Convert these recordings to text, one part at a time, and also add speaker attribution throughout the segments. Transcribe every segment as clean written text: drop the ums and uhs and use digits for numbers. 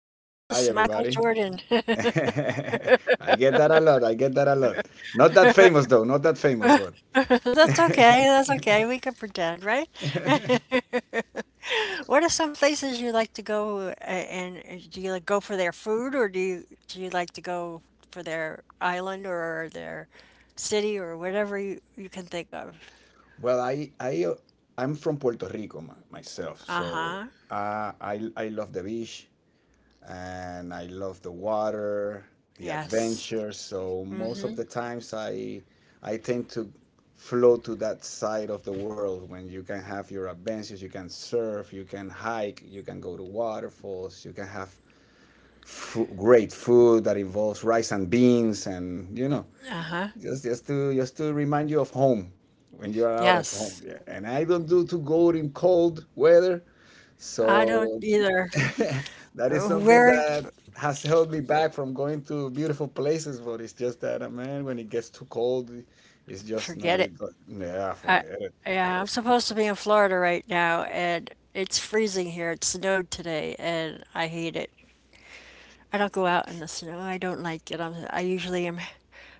Speaker 1: I got the
Speaker 2: hi,
Speaker 1: famous
Speaker 2: everybody.
Speaker 1: Michael Jordan.
Speaker 2: I get that a lot. I get that a lot. Not that famous though. Not that famous one.
Speaker 1: That's okay. That's okay. We can pretend, right? What are some places you like to go, and do you like go for their food, or do you like to go for their island or their city or whatever you can think of?
Speaker 2: Well, I'm from Puerto Rico my, myself, so
Speaker 1: Uh-huh.
Speaker 2: I love the beach and I love the water, the
Speaker 1: Yes.
Speaker 2: adventure. So most of the times I tend to flow to that side of the world when you can have your adventures, you can surf, you can hike, you can go to waterfalls, you can have fo great food that involves rice and beans and just to remind you of home when you are out of home,
Speaker 1: Yes.
Speaker 2: yeah. And I don't do to go in cold weather,
Speaker 1: I don't
Speaker 2: so
Speaker 1: either.
Speaker 2: that is something
Speaker 1: Where?
Speaker 2: that has held me back from going to beautiful places, but it's just that man, when it gets too cold it's just no
Speaker 1: Forget it.
Speaker 2: it, yeah,
Speaker 1: I,
Speaker 2: forget it.
Speaker 1: yeah, I'm supposed to be in Florida right now, and it's freezing here. It snowed today, and I hate it. I don't go out in the snow. I don't like it. I usually am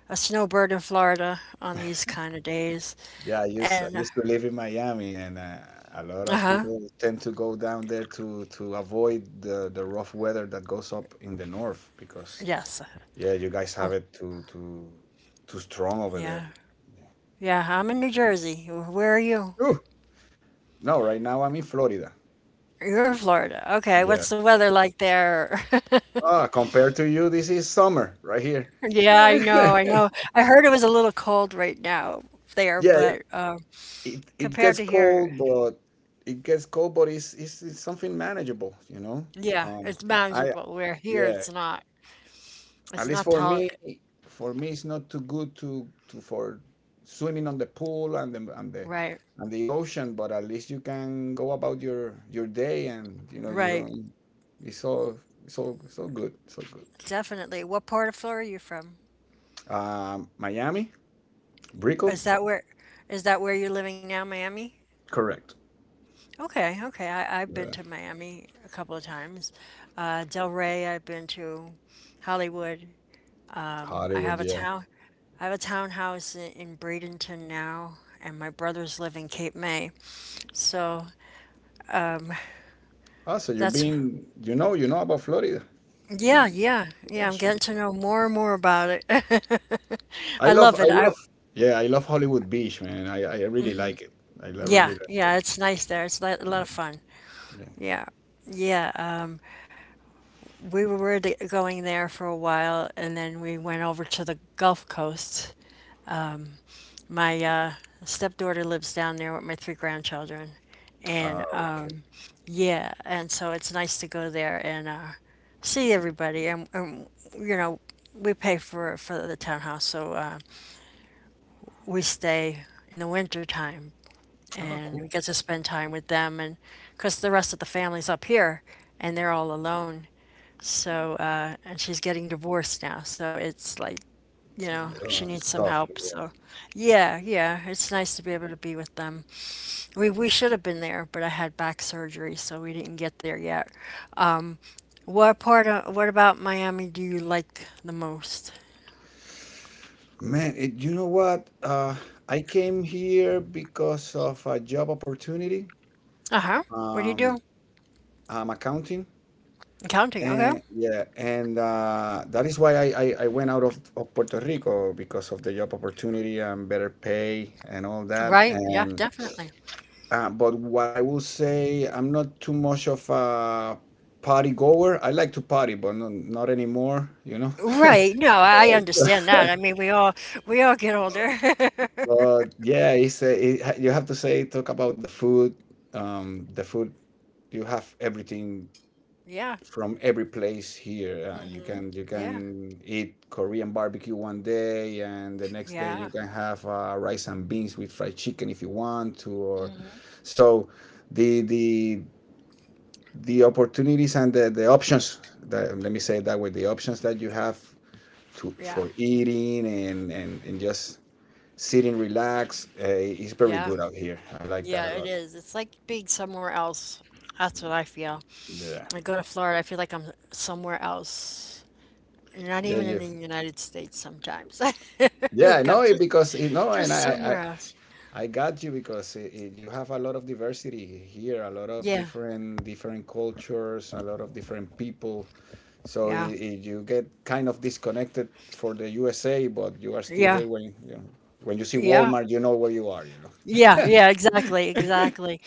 Speaker 1: a snowbird in Florida on these kind of days.
Speaker 2: Yeah, I
Speaker 1: And,
Speaker 2: used to live in Miami, and a lot of
Speaker 1: uh-huh,
Speaker 2: people tend to go down there to avoid the rough weather that goes up in the north because,
Speaker 1: yes.
Speaker 2: yeah, you guys
Speaker 1: Oh,
Speaker 2: have it too too strong over
Speaker 1: yeah,
Speaker 2: there.
Speaker 1: yeah, I'm in New Jersey. Where are you?
Speaker 2: Ooh, no, right now I'm in Florida.
Speaker 1: You're in Florida. Okay, what's the
Speaker 2: Yeah.
Speaker 1: weather like there?
Speaker 2: Ah, compared to you, this is summer right here.
Speaker 1: Yeah, I know, I know. I heard it was a little cold right now there,
Speaker 2: Yeah,
Speaker 1: but
Speaker 2: it
Speaker 1: compared
Speaker 2: gets
Speaker 1: to here.
Speaker 2: cold, but it's, it's something manageable, you know?
Speaker 1: Yeah,
Speaker 2: Um,
Speaker 1: it's
Speaker 2: I,
Speaker 1: manageable. Where here
Speaker 2: yeah,
Speaker 1: it's not. It's
Speaker 2: At least
Speaker 1: not tall.
Speaker 2: for me, it's not too good to for swimming on the pool and
Speaker 1: Right.
Speaker 2: the ocean. But at least you can go about your day, and you know you
Speaker 1: Right.
Speaker 2: don't. It's all good. It's all good.
Speaker 1: Definitely. What part of Florida are you from?
Speaker 2: Miami, Brickell.
Speaker 1: Is that where is that where you're living now, Miami?
Speaker 2: Correct.
Speaker 1: Okay, okay. I've been
Speaker 2: Yeah,
Speaker 1: to Miami a couple of times. Delray, I've been to Hollywood. I have
Speaker 2: Hollywood,
Speaker 1: a
Speaker 2: yeah.
Speaker 1: town I have a townhouse in Bradenton now, and my brothers live in Cape May. So
Speaker 2: Ah, so you've
Speaker 1: that's
Speaker 2: been, you know about Florida. Yeah,
Speaker 1: yeah, yeah,
Speaker 2: yeah,
Speaker 1: yeah. I'm
Speaker 2: sure.
Speaker 1: getting to know more and more about it. I love
Speaker 2: I
Speaker 1: it. I
Speaker 2: love, yeah, I love Hollywood Beach, man. I really like it. I lo- really
Speaker 1: Yeah,
Speaker 2: like it.
Speaker 1: yeah, it's nice there. It's li- a lot
Speaker 2: Yeah,
Speaker 1: of fun.
Speaker 2: yeah.
Speaker 1: Yeah. Yeah, we were really going there for a while, and then we went over to the Gulf Coast. My stepdaughter lives down there with my 3 grandchildren,
Speaker 2: Ah,
Speaker 1: and yeah, and so it's nice to go there and see everybody. And you know, we pay for the townhouse, so we stay in the winter time
Speaker 2: oh, cool.
Speaker 1: and we get to spend time with them. And because the rest of the family's up here and they're all alone, so and she's getting divorced now, so it's like,
Speaker 2: It's a
Speaker 1: she
Speaker 2: little
Speaker 1: needs some
Speaker 2: stuff.
Speaker 1: help.
Speaker 2: Yeah.
Speaker 1: So yeah, yeah, it's nice to be able to be with them. We should have been there, but I had back surgery, so we didn't get there yet. Um what part of What about Miami do you like the most?
Speaker 2: Man, it, you know what? I came here because of a job opportunity.
Speaker 1: Uh-huh. What do you do?
Speaker 2: Um, I'm accounting,
Speaker 1: Accounting, okay.
Speaker 2: and yeah, and that is why I went out of Puerto Rico because of the job opportunity and better pay and all that.
Speaker 1: Right, yeah,
Speaker 2: And
Speaker 1: definitely.
Speaker 2: but what I will say, I'm not too much of a party goer. I like to party, but not, not anymore, you know.
Speaker 1: Right. No, I understand that. I mean, we all get older.
Speaker 2: But yeah, it's a, it, you have to say talk about the food. The food, you have everything
Speaker 1: Yeah.
Speaker 2: from every place here. You
Speaker 1: Yeah.
Speaker 2: can eat Korean barbecue one day, and the next day
Speaker 1: Yeah.
Speaker 2: you can have rice and beans with fried chicken if you want to. Or so the the the opportunities and the options that let me say it that way, the options that you have to
Speaker 1: Yeah.
Speaker 2: for eating and just sitting relax. It's very
Speaker 1: Yeah.
Speaker 2: good out here. I like that a
Speaker 1: Yeah, it
Speaker 2: lot.
Speaker 1: is. It's like being somewhere else. That's what I feel.
Speaker 2: Yeah,
Speaker 1: I go to Florida, I feel like I'm somewhere else. Not
Speaker 2: yeah,
Speaker 1: even in
Speaker 2: you,
Speaker 1: the United States sometimes.
Speaker 2: yeah. I
Speaker 1: Like I'm
Speaker 2: know it
Speaker 1: just
Speaker 2: because you know,
Speaker 1: just
Speaker 2: and
Speaker 1: somewhere else.
Speaker 2: I got you because it- you have a lot of diversity here, a lot of
Speaker 1: Yeah.
Speaker 2: different cultures, a lot of different people. So
Speaker 1: Yeah.
Speaker 2: I you get kind of disconnected for the USA, but you are still
Speaker 1: Yeah.
Speaker 2: here when you know, when you see
Speaker 1: Yeah.
Speaker 2: Walmart, you know where you are. You know.
Speaker 1: Yeah, yeah, exactly, exactly.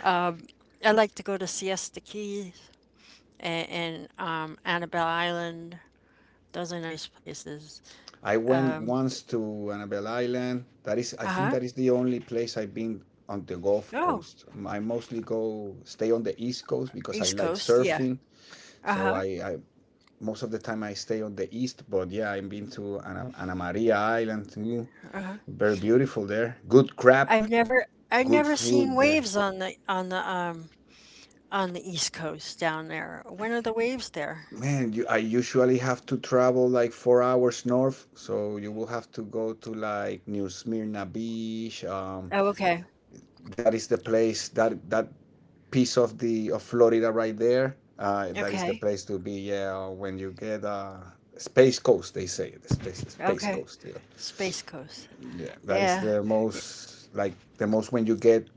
Speaker 1: Um, I like to go to Siesta Key and, and Annabelle Island. Those are nice places.
Speaker 2: I went
Speaker 1: Um,
Speaker 2: once to Annabelle Island. That is, I think
Speaker 1: uh-huh.
Speaker 2: that is the only place I've been on the Gulf
Speaker 1: Oh,
Speaker 2: Coast. I mostly go stay on the East Coast because I
Speaker 1: East
Speaker 2: like
Speaker 1: Coast, yeah.
Speaker 2: surfing. So
Speaker 1: Uh-huh.
Speaker 2: I most of the time I stay on the East. But yeah, I've been to Anna, Anna Maria Island too.
Speaker 1: Uh-huh.
Speaker 2: Very beautiful there. Good crab,
Speaker 1: I've never I've
Speaker 2: good
Speaker 1: never seen
Speaker 2: food there.
Speaker 1: waves on the East Coast down there. When are the waves there?
Speaker 2: Man, you, I usually have to travel like 4 hours north, so you will have to go to like New Smyrna Beach,
Speaker 1: Oh, okay.
Speaker 2: that is the place that piece of the of Florida right there. That is the
Speaker 1: Okay.
Speaker 2: place to be. Yeah, when you get a Space Coast, they say space
Speaker 1: Okay.
Speaker 2: Coast. Yeah.
Speaker 1: Space Coast.
Speaker 2: Yeah, that is
Speaker 1: Yeah.
Speaker 2: the most like the most when you get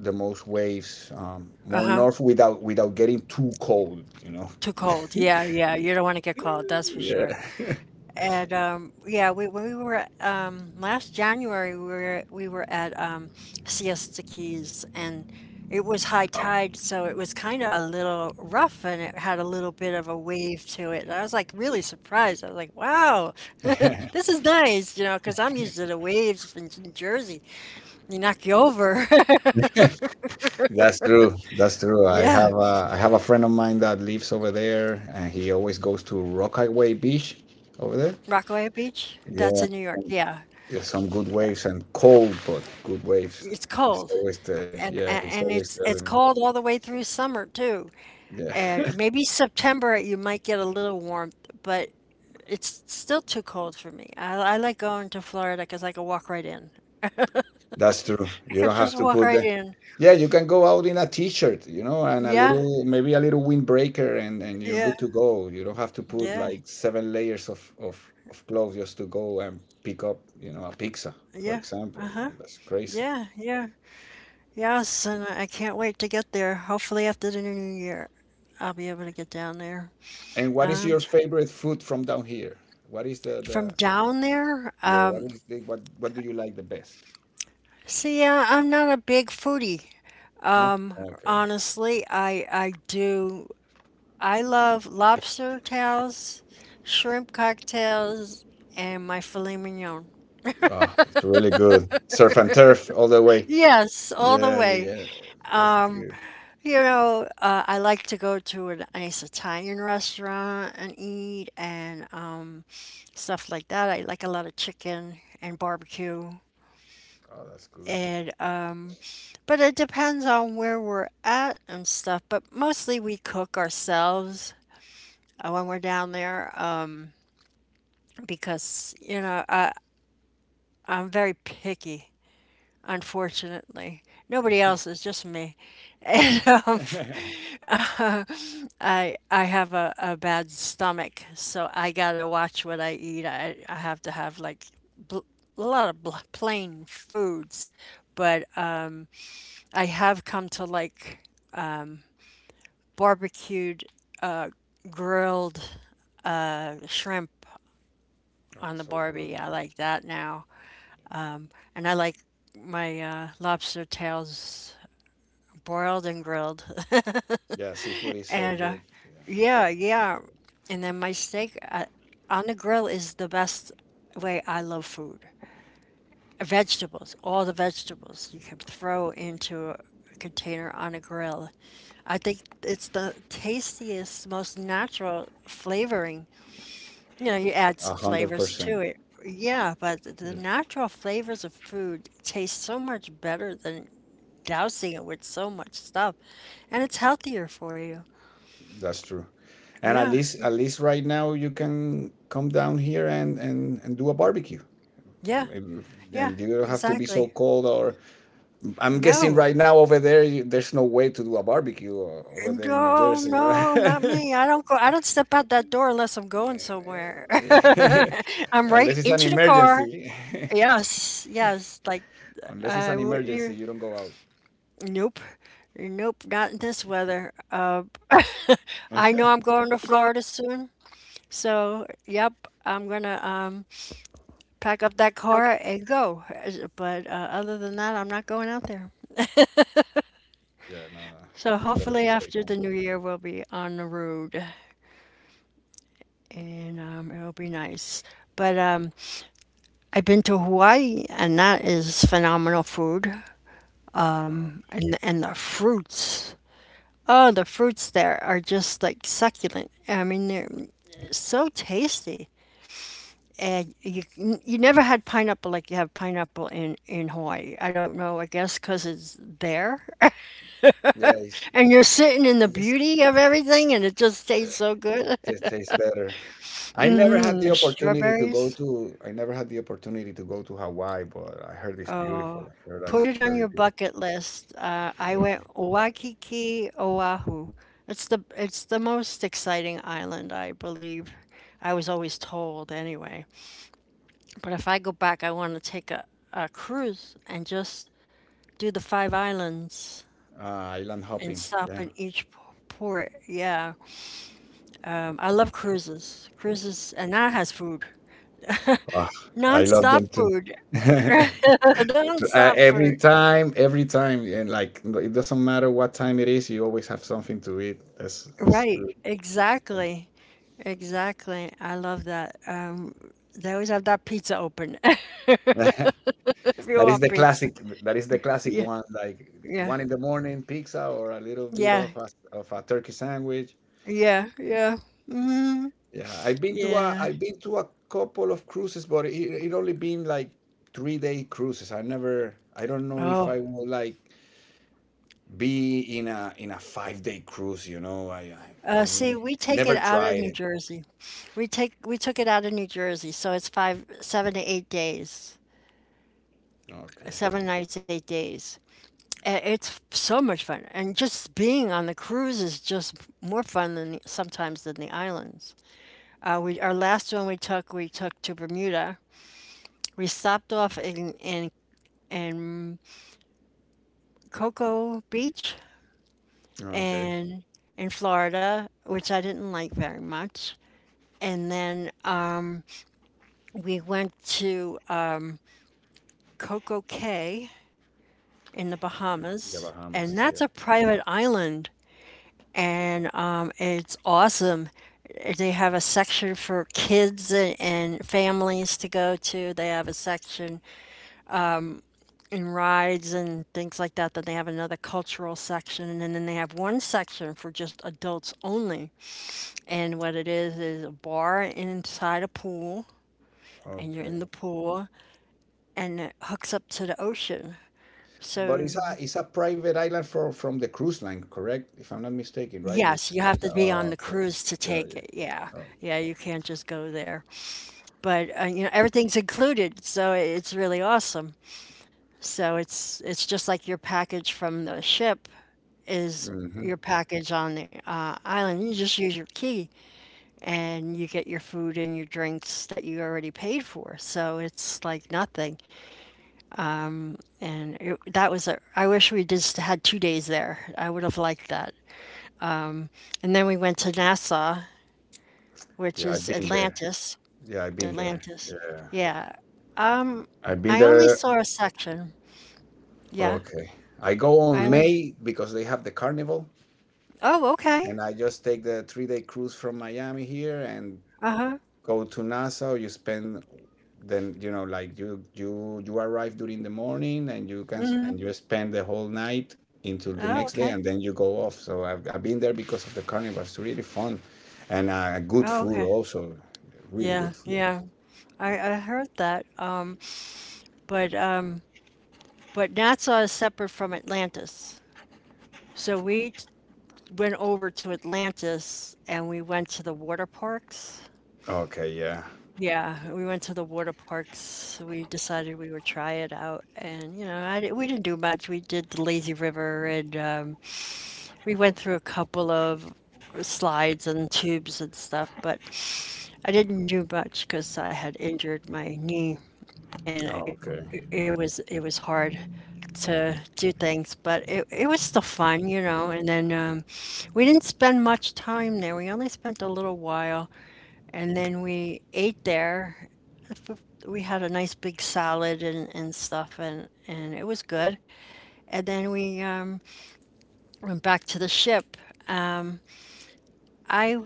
Speaker 2: the most waves, more
Speaker 1: Uh-huh.
Speaker 2: north without getting too cold. You know.
Speaker 1: Too cold. Yeah, yeah. You don't want to get cold, that's for
Speaker 2: Yeah,
Speaker 1: sure. And yeah, we when we were at, last January, we were at Siesta Keys, and it was high tide, so it was kind of a little rough, and it had a little bit of a wave to it. And I was like really surprised. I was like, "Wow, this is nice," you know, because I'm used to the waves in, Jersey. They knock you over.
Speaker 2: that's true. That's true.
Speaker 1: Yeah,
Speaker 2: I have a friend of mine that lives over there, and he always goes to Rockaway Beach over there.
Speaker 1: Rockaway Beach. That's
Speaker 2: Yeah,
Speaker 1: in New York. Yeah,
Speaker 2: yeah, some good
Speaker 1: yeah.
Speaker 2: waves and cold, but good waves.
Speaker 1: It's cold, and a-
Speaker 2: Yeah, he's
Speaker 1: and
Speaker 2: always
Speaker 1: it's
Speaker 2: telling
Speaker 1: it's cold all the way through summer too.
Speaker 2: me. Yeah,
Speaker 1: And maybe September you might get a little warmth, but it's still too cold for me. I like going to Florida because I can walk right in.
Speaker 2: that's true.
Speaker 1: I
Speaker 2: You
Speaker 1: could
Speaker 2: don't have
Speaker 1: just
Speaker 2: to
Speaker 1: walk
Speaker 2: put
Speaker 1: right
Speaker 2: the.
Speaker 1: in.
Speaker 2: Yeah, you can go out in a t-shirt, you know, and a
Speaker 1: Yeah,
Speaker 2: little, maybe a little windbreaker, and you're
Speaker 1: yeah,
Speaker 2: good to go. You don't have to put
Speaker 1: yeah,
Speaker 2: like seven layers of of clothes just to go and pick up, you know, a pizza, for
Speaker 1: yeah.
Speaker 2: example. You
Speaker 1: Uh-huh.
Speaker 2: know, that's crazy.
Speaker 1: Yeah, yeah. Yes, and I can't wait to get there. Hopefully after the new year, I'll be able to get down there.
Speaker 2: And what is
Speaker 1: Um,
Speaker 2: your
Speaker 1: tr-
Speaker 2: favorite food from down here? What is the
Speaker 1: from
Speaker 2: the
Speaker 1: down there,
Speaker 2: yeah? What is the what do you like the best?
Speaker 1: see, I'm not a big foodie.
Speaker 2: No? Okay.
Speaker 1: Honestly, I do. I love lobster tails, shrimp cocktails, and my filet mignon.
Speaker 2: Ah, it's really good. Surf and turf all the way.
Speaker 1: Yes, all the
Speaker 2: Yeah,
Speaker 1: way.
Speaker 2: yeah. That's
Speaker 1: Um,
Speaker 2: good.
Speaker 1: you know, I like to go to a nice Italian restaurant and eat and stuff like that. I like a lot of chicken and barbecue.
Speaker 2: Oh, that's good.
Speaker 1: And but it depends on where we're at and stuff. But mostly we cook ourselves when we're down there because you know I'm very picky unfortunately. Nobody else, it's just me. And I have a bad stomach, so I gotta watch what I eat. I have to have like bl- a lot of plain foods, but I have come to like barbecued, uh, grilled shrimp
Speaker 2: Oh,
Speaker 1: on the
Speaker 2: so good.
Speaker 1: Barbie. I like that now, and I like my lobster tails boiled and grilled.
Speaker 2: Yeah, seafood is so
Speaker 1: And
Speaker 2: good. Yeah,
Speaker 1: yeah,
Speaker 2: yeah.
Speaker 1: yeah. And then my steak on the grill is the best way I love food. Vegetables, all the vegetables you can throw into a container on a grill. I think it's the tastiest, most natural flavoring. You know, you add
Speaker 2: a
Speaker 1: some
Speaker 2: hundred
Speaker 1: flavors
Speaker 2: percent.
Speaker 1: to it. Yeah, but the natural flavors of food taste so much better than dousing it with so much stuff. And it's healthier for you.
Speaker 2: That's true. And
Speaker 1: Yeah.
Speaker 2: at least right now, you can come down here and do a barbecue.
Speaker 1: Yeah.
Speaker 2: Maybe-
Speaker 1: Yeah,
Speaker 2: And you don't have to be so
Speaker 1: exactly.
Speaker 2: cold. Or I'm
Speaker 1: No,
Speaker 2: guessing right now over there, you, there's no way to do a barbecue o- over there in New
Speaker 1: no,
Speaker 2: Jersey, right?
Speaker 1: no, not me. I don't go, I don't step out that door unless I'm going somewhere. I'm right
Speaker 2: Unless it's an
Speaker 1: into the car.
Speaker 2: emergency.
Speaker 1: Yes, yes. Like,
Speaker 2: Unless it's an
Speaker 1: what
Speaker 2: emergency,
Speaker 1: you
Speaker 2: you don't go out.
Speaker 1: nope, nope, not in this weather. I know I'm going to Florida soon. So, yep, I'm gonna, pack up that car and go. But, other than that, I'm not going out there.
Speaker 2: Yeah, no, no. It's
Speaker 1: So
Speaker 2: better to
Speaker 1: hopefully
Speaker 2: stay home.
Speaker 1: after the new year, we'll be on the road. And it'll be nice. But I've been to Hawaii, and that is phenomenal food,
Speaker 2: Oh.
Speaker 1: and the fruits. Oh, the fruits there are just like succulent. I mean, they're so tasty. And you never had pineapple like you have pineapple in Hawaii. I don't know. I guess because it's there,
Speaker 2: Yeah, it's,
Speaker 1: and you're sitting in
Speaker 2: I
Speaker 1: the
Speaker 2: guess
Speaker 1: beauty of everything, and it just
Speaker 2: uh,
Speaker 1: tastes so good.
Speaker 2: it tastes better.
Speaker 1: Hmm, the strawberries.
Speaker 2: I never had the opportunity to go to Hawaii, but I heard it's beautiful.
Speaker 1: Oh,
Speaker 2: I heard
Speaker 1: put
Speaker 2: it's
Speaker 1: it on
Speaker 2: very
Speaker 1: your
Speaker 2: beautiful.
Speaker 1: bucket list. I
Speaker 2: Yeah,
Speaker 1: went Waikiki, Oahu. It's the most exciting island, I believe. I was always told anyway. But if I go back, I want to take a cruise and just do the 5 islands
Speaker 2: uh, island
Speaker 1: and
Speaker 2: hopping.
Speaker 1: stop
Speaker 2: Yeah,
Speaker 1: in each port. Yeah. I love cruises. Cruises, and that has food.
Speaker 2: ah, I love
Speaker 1: Non-stop
Speaker 2: them too.
Speaker 1: food.
Speaker 2: uh,
Speaker 1: Non-stop food.
Speaker 2: every time, and like it doesn't matter what time it is, you always have something to eat. That's
Speaker 1: Right,
Speaker 2: good.
Speaker 1: exactly. Exactly. I love that. They always have that pizza open. If you
Speaker 2: That is
Speaker 1: want
Speaker 2: the
Speaker 1: pizza.
Speaker 2: classic. That is the classic
Speaker 1: Yeah,
Speaker 2: one. Like
Speaker 1: yeah,
Speaker 2: one in the morning pizza or a little bit
Speaker 1: yeah,
Speaker 2: of a turkey sandwich.
Speaker 1: yeah, yeah. Mm,
Speaker 2: Yeah,
Speaker 1: yeah.
Speaker 2: I've been to a couple of cruises, but it only been like 3 day cruises. I never. I don't know if
Speaker 1: Oh,
Speaker 2: I will like be in a 5 day cruise. You know,
Speaker 1: see,
Speaker 2: I'm,
Speaker 1: we take it
Speaker 2: never
Speaker 1: out of
Speaker 2: tried
Speaker 1: New
Speaker 2: it.
Speaker 1: Jersey. We took it out of New Jersey, so it's five, 7 to 8 days,
Speaker 2: Okay.
Speaker 1: 7 nights, 8 days. It's so much fun, and just being on the cruise is just more fun than sometimes than the islands. We our last one we took to Bermuda. We stopped off in in Cocoa Beach
Speaker 2: Okay.
Speaker 1: and in Florida, which I didn't like very much. And then we went to Coco Cay in the
Speaker 2: Okay. The
Speaker 1: Bahamas, and
Speaker 2: Bahamas.
Speaker 1: that's a private island, and it's awesome. They have a section for kids and families to go to. They have a section and rides and things like that. Then they have another cultural section, and then they have one section for just adults only. And what it is a bar inside a pool,
Speaker 2: Yeah.
Speaker 1: and you're in
Speaker 2: Okay.
Speaker 1: the pool, and it hooks up to the ocean.
Speaker 2: But
Speaker 1: So,
Speaker 2: it's a private island for from the cruise line, correct? If I'm not mistaken, right?
Speaker 1: yes, you have
Speaker 2: It's
Speaker 1: to be on
Speaker 2: oh,
Speaker 1: the
Speaker 2: okay.
Speaker 1: cruise to
Speaker 2: Yeah,
Speaker 1: take it.
Speaker 2: yeah.
Speaker 1: Yeah.
Speaker 2: Oh.
Speaker 1: Yeah, you can't just go there. But you know, everything's included, so it's really awesome. So it's just like your package from the ship, is
Speaker 2: Hmm.
Speaker 1: your package on the island. You just use your key and you get your food and your drinks that you already paid for. So it's like nothing. And it, that was a, I wish we just had 2 days there. I would have liked that. Um, and then we went to Nassau, which
Speaker 2: Yeah, I've
Speaker 1: is
Speaker 2: been there.
Speaker 1: Atlantis.
Speaker 2: Yeah, I've been there.
Speaker 1: Atlantis.
Speaker 2: Yeah,
Speaker 1: Yeah. Um,
Speaker 2: I've been
Speaker 1: I only
Speaker 2: there.
Speaker 1: saw a section. Yeah.
Speaker 2: Okay. I go
Speaker 1: I
Speaker 2: on
Speaker 1: only,
Speaker 2: May because they have the carnival,
Speaker 1: oh, okay.
Speaker 2: and I just take the 3 day cruise from Miami here and
Speaker 1: Uh-huh.
Speaker 2: go to NASA, you spend then you know like you arrive during the morning and you can s-
Speaker 1: Mm-hmm.
Speaker 2: and you spend the whole night until the
Speaker 1: Oh,
Speaker 2: next day
Speaker 1: okay.
Speaker 2: and then you go off. So I've been there because of the carnival. It's really fun and good
Speaker 1: Oh, okay.
Speaker 2: food also, really
Speaker 1: Yeah,
Speaker 2: good food.
Speaker 1: yeah. I heard that, but um, but Nassau is separate from Atlantis. So we went over to Atlantis and we went to the water parks.
Speaker 2: Okay, yeah.
Speaker 1: Yeah, we went to the water parks. We decided we would try it out, and you know, I, di- we didn't do much. We did the lazy river, and we went through a couple of slides and tubes and stuff. But I didn't do much because I had injured my knee, and it,
Speaker 2: Oh, okay.
Speaker 1: it it was hard to do things, but it was still fun. And then we didn't spend much time there. We only spent a little while, and then we ate there. We had a nice big salad and stuff, and it was good. And then we went back to the ship. Um, I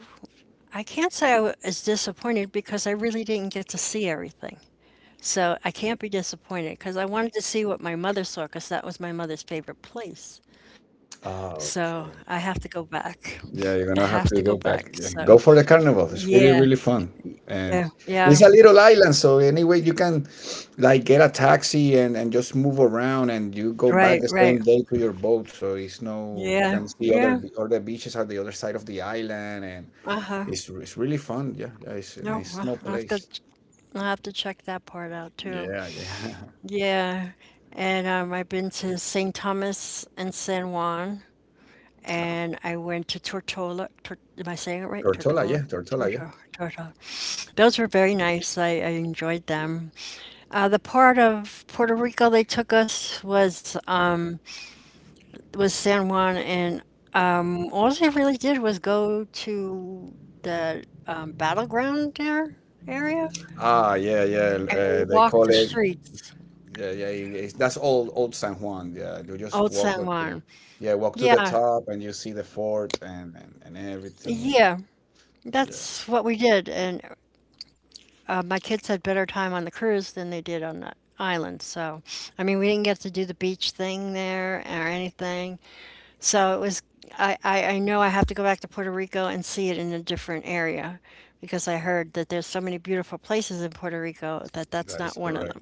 Speaker 1: I can't say I was disappointed because I really didn't get to see everything. So I can't be disappointed because I wanted to see what my mother saw because that was my mother's favorite place. So
Speaker 2: Oh,
Speaker 1: I have
Speaker 2: okay.
Speaker 1: to go back. I
Speaker 2: Yeah, you're
Speaker 1: have to
Speaker 2: gonna
Speaker 1: go
Speaker 2: have to
Speaker 1: back.
Speaker 2: go back.
Speaker 1: So
Speaker 2: Yeah. Go for the carnival. It's
Speaker 1: yeah,
Speaker 2: really, really fun.
Speaker 1: yeah,
Speaker 2: And
Speaker 1: yeah.
Speaker 2: it's a little island, so anyway you can like get a taxi and just move around and you go
Speaker 1: Right,
Speaker 2: back the
Speaker 1: right.
Speaker 2: same day to your boat. So it's no, you
Speaker 1: Yeah,
Speaker 2: can see other
Speaker 1: yeah.
Speaker 2: be- other beaches at the other side of the island and
Speaker 1: Uh-huh.
Speaker 2: it's really fun. Yeah, yeah, it's a
Speaker 1: No,
Speaker 2: nice
Speaker 1: I
Speaker 2: small
Speaker 1: I have to
Speaker 2: place.
Speaker 1: ch- I have to check that part out too.
Speaker 2: Yeah, yeah.
Speaker 1: Yeah. And I've been to St. Thomas and San Juan, and I went to Tortola. Tor, am I saying it right?
Speaker 2: Tortola, yeah,
Speaker 1: Tortola,
Speaker 2: Tortola, yeah.
Speaker 1: Tortola. Those were very nice. I enjoyed them. The part of Puerto Rico they took us was San Juan, and all they really did was go to the battleground there area,
Speaker 2: Ah, yeah, yeah.
Speaker 1: and we
Speaker 2: They
Speaker 1: walked
Speaker 2: call
Speaker 1: the
Speaker 2: it
Speaker 1: streets.
Speaker 2: yeah, yeah, it- it's, that's old Old San Juan. Yeah, you just
Speaker 1: Old
Speaker 2: walk
Speaker 1: San
Speaker 2: up to,
Speaker 1: Juan.
Speaker 2: yeah, walk to the
Speaker 1: Yeah,
Speaker 2: top and you see the fort and and everything.
Speaker 1: yeah,
Speaker 2: Yeah,
Speaker 1: that's what we did. And my kids had better time on the cruise than they did on the island. So, I mean, we didn't get to do the beach thing there or anything. So it was, I know I have to go back to Puerto Rico and see it in a different area because I heard that there's so many beautiful places in Puerto Rico that that's
Speaker 2: that is
Speaker 1: not one of
Speaker 2: correct.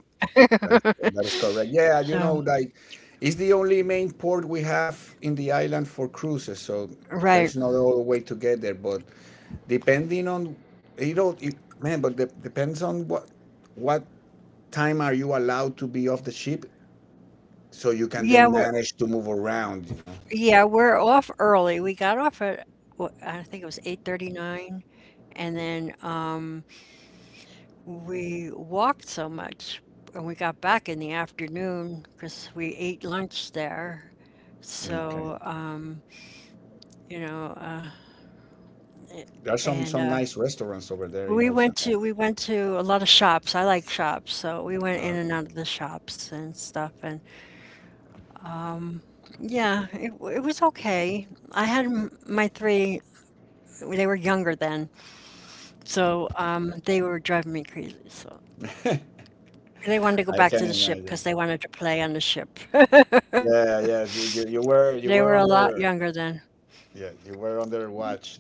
Speaker 2: That is
Speaker 1: them.
Speaker 2: that is correct. Yeah, you
Speaker 1: So,
Speaker 2: know, like it's the only main port we have in the island for cruises, so there is
Speaker 1: right.
Speaker 2: no other way to get there. But depending on, you know, it, man, but de- depends on what time are you allowed to be off the ship, so you can
Speaker 1: Yeah,
Speaker 2: then
Speaker 1: we're
Speaker 2: manage to move around. You know.
Speaker 1: yeah, we're off early. We got off at wh- I think it was 8:39, and then we walked so much and we got back in the afternoon because we ate lunch there.
Speaker 2: Okay.
Speaker 1: So, you know,
Speaker 2: There are
Speaker 1: and
Speaker 2: some nice restaurants over there in
Speaker 1: We
Speaker 2: Old
Speaker 1: went
Speaker 2: San
Speaker 1: to
Speaker 2: Juan.
Speaker 1: we went to a lot of shops. I like shops, so we went
Speaker 2: Oh,
Speaker 1: in and
Speaker 2: okay.
Speaker 1: out of the shops and stuff. And yeah, it was okay. My three, they were younger then, so they were driving me crazy. So they wanted to go
Speaker 2: I
Speaker 1: back to
Speaker 2: can
Speaker 1: the ship
Speaker 2: imagine.
Speaker 1: because they wanted to play on the ship.
Speaker 2: Yeah, yeah. You, you were
Speaker 1: They were a
Speaker 2: under
Speaker 1: lot younger then.
Speaker 2: yeah, you were under watch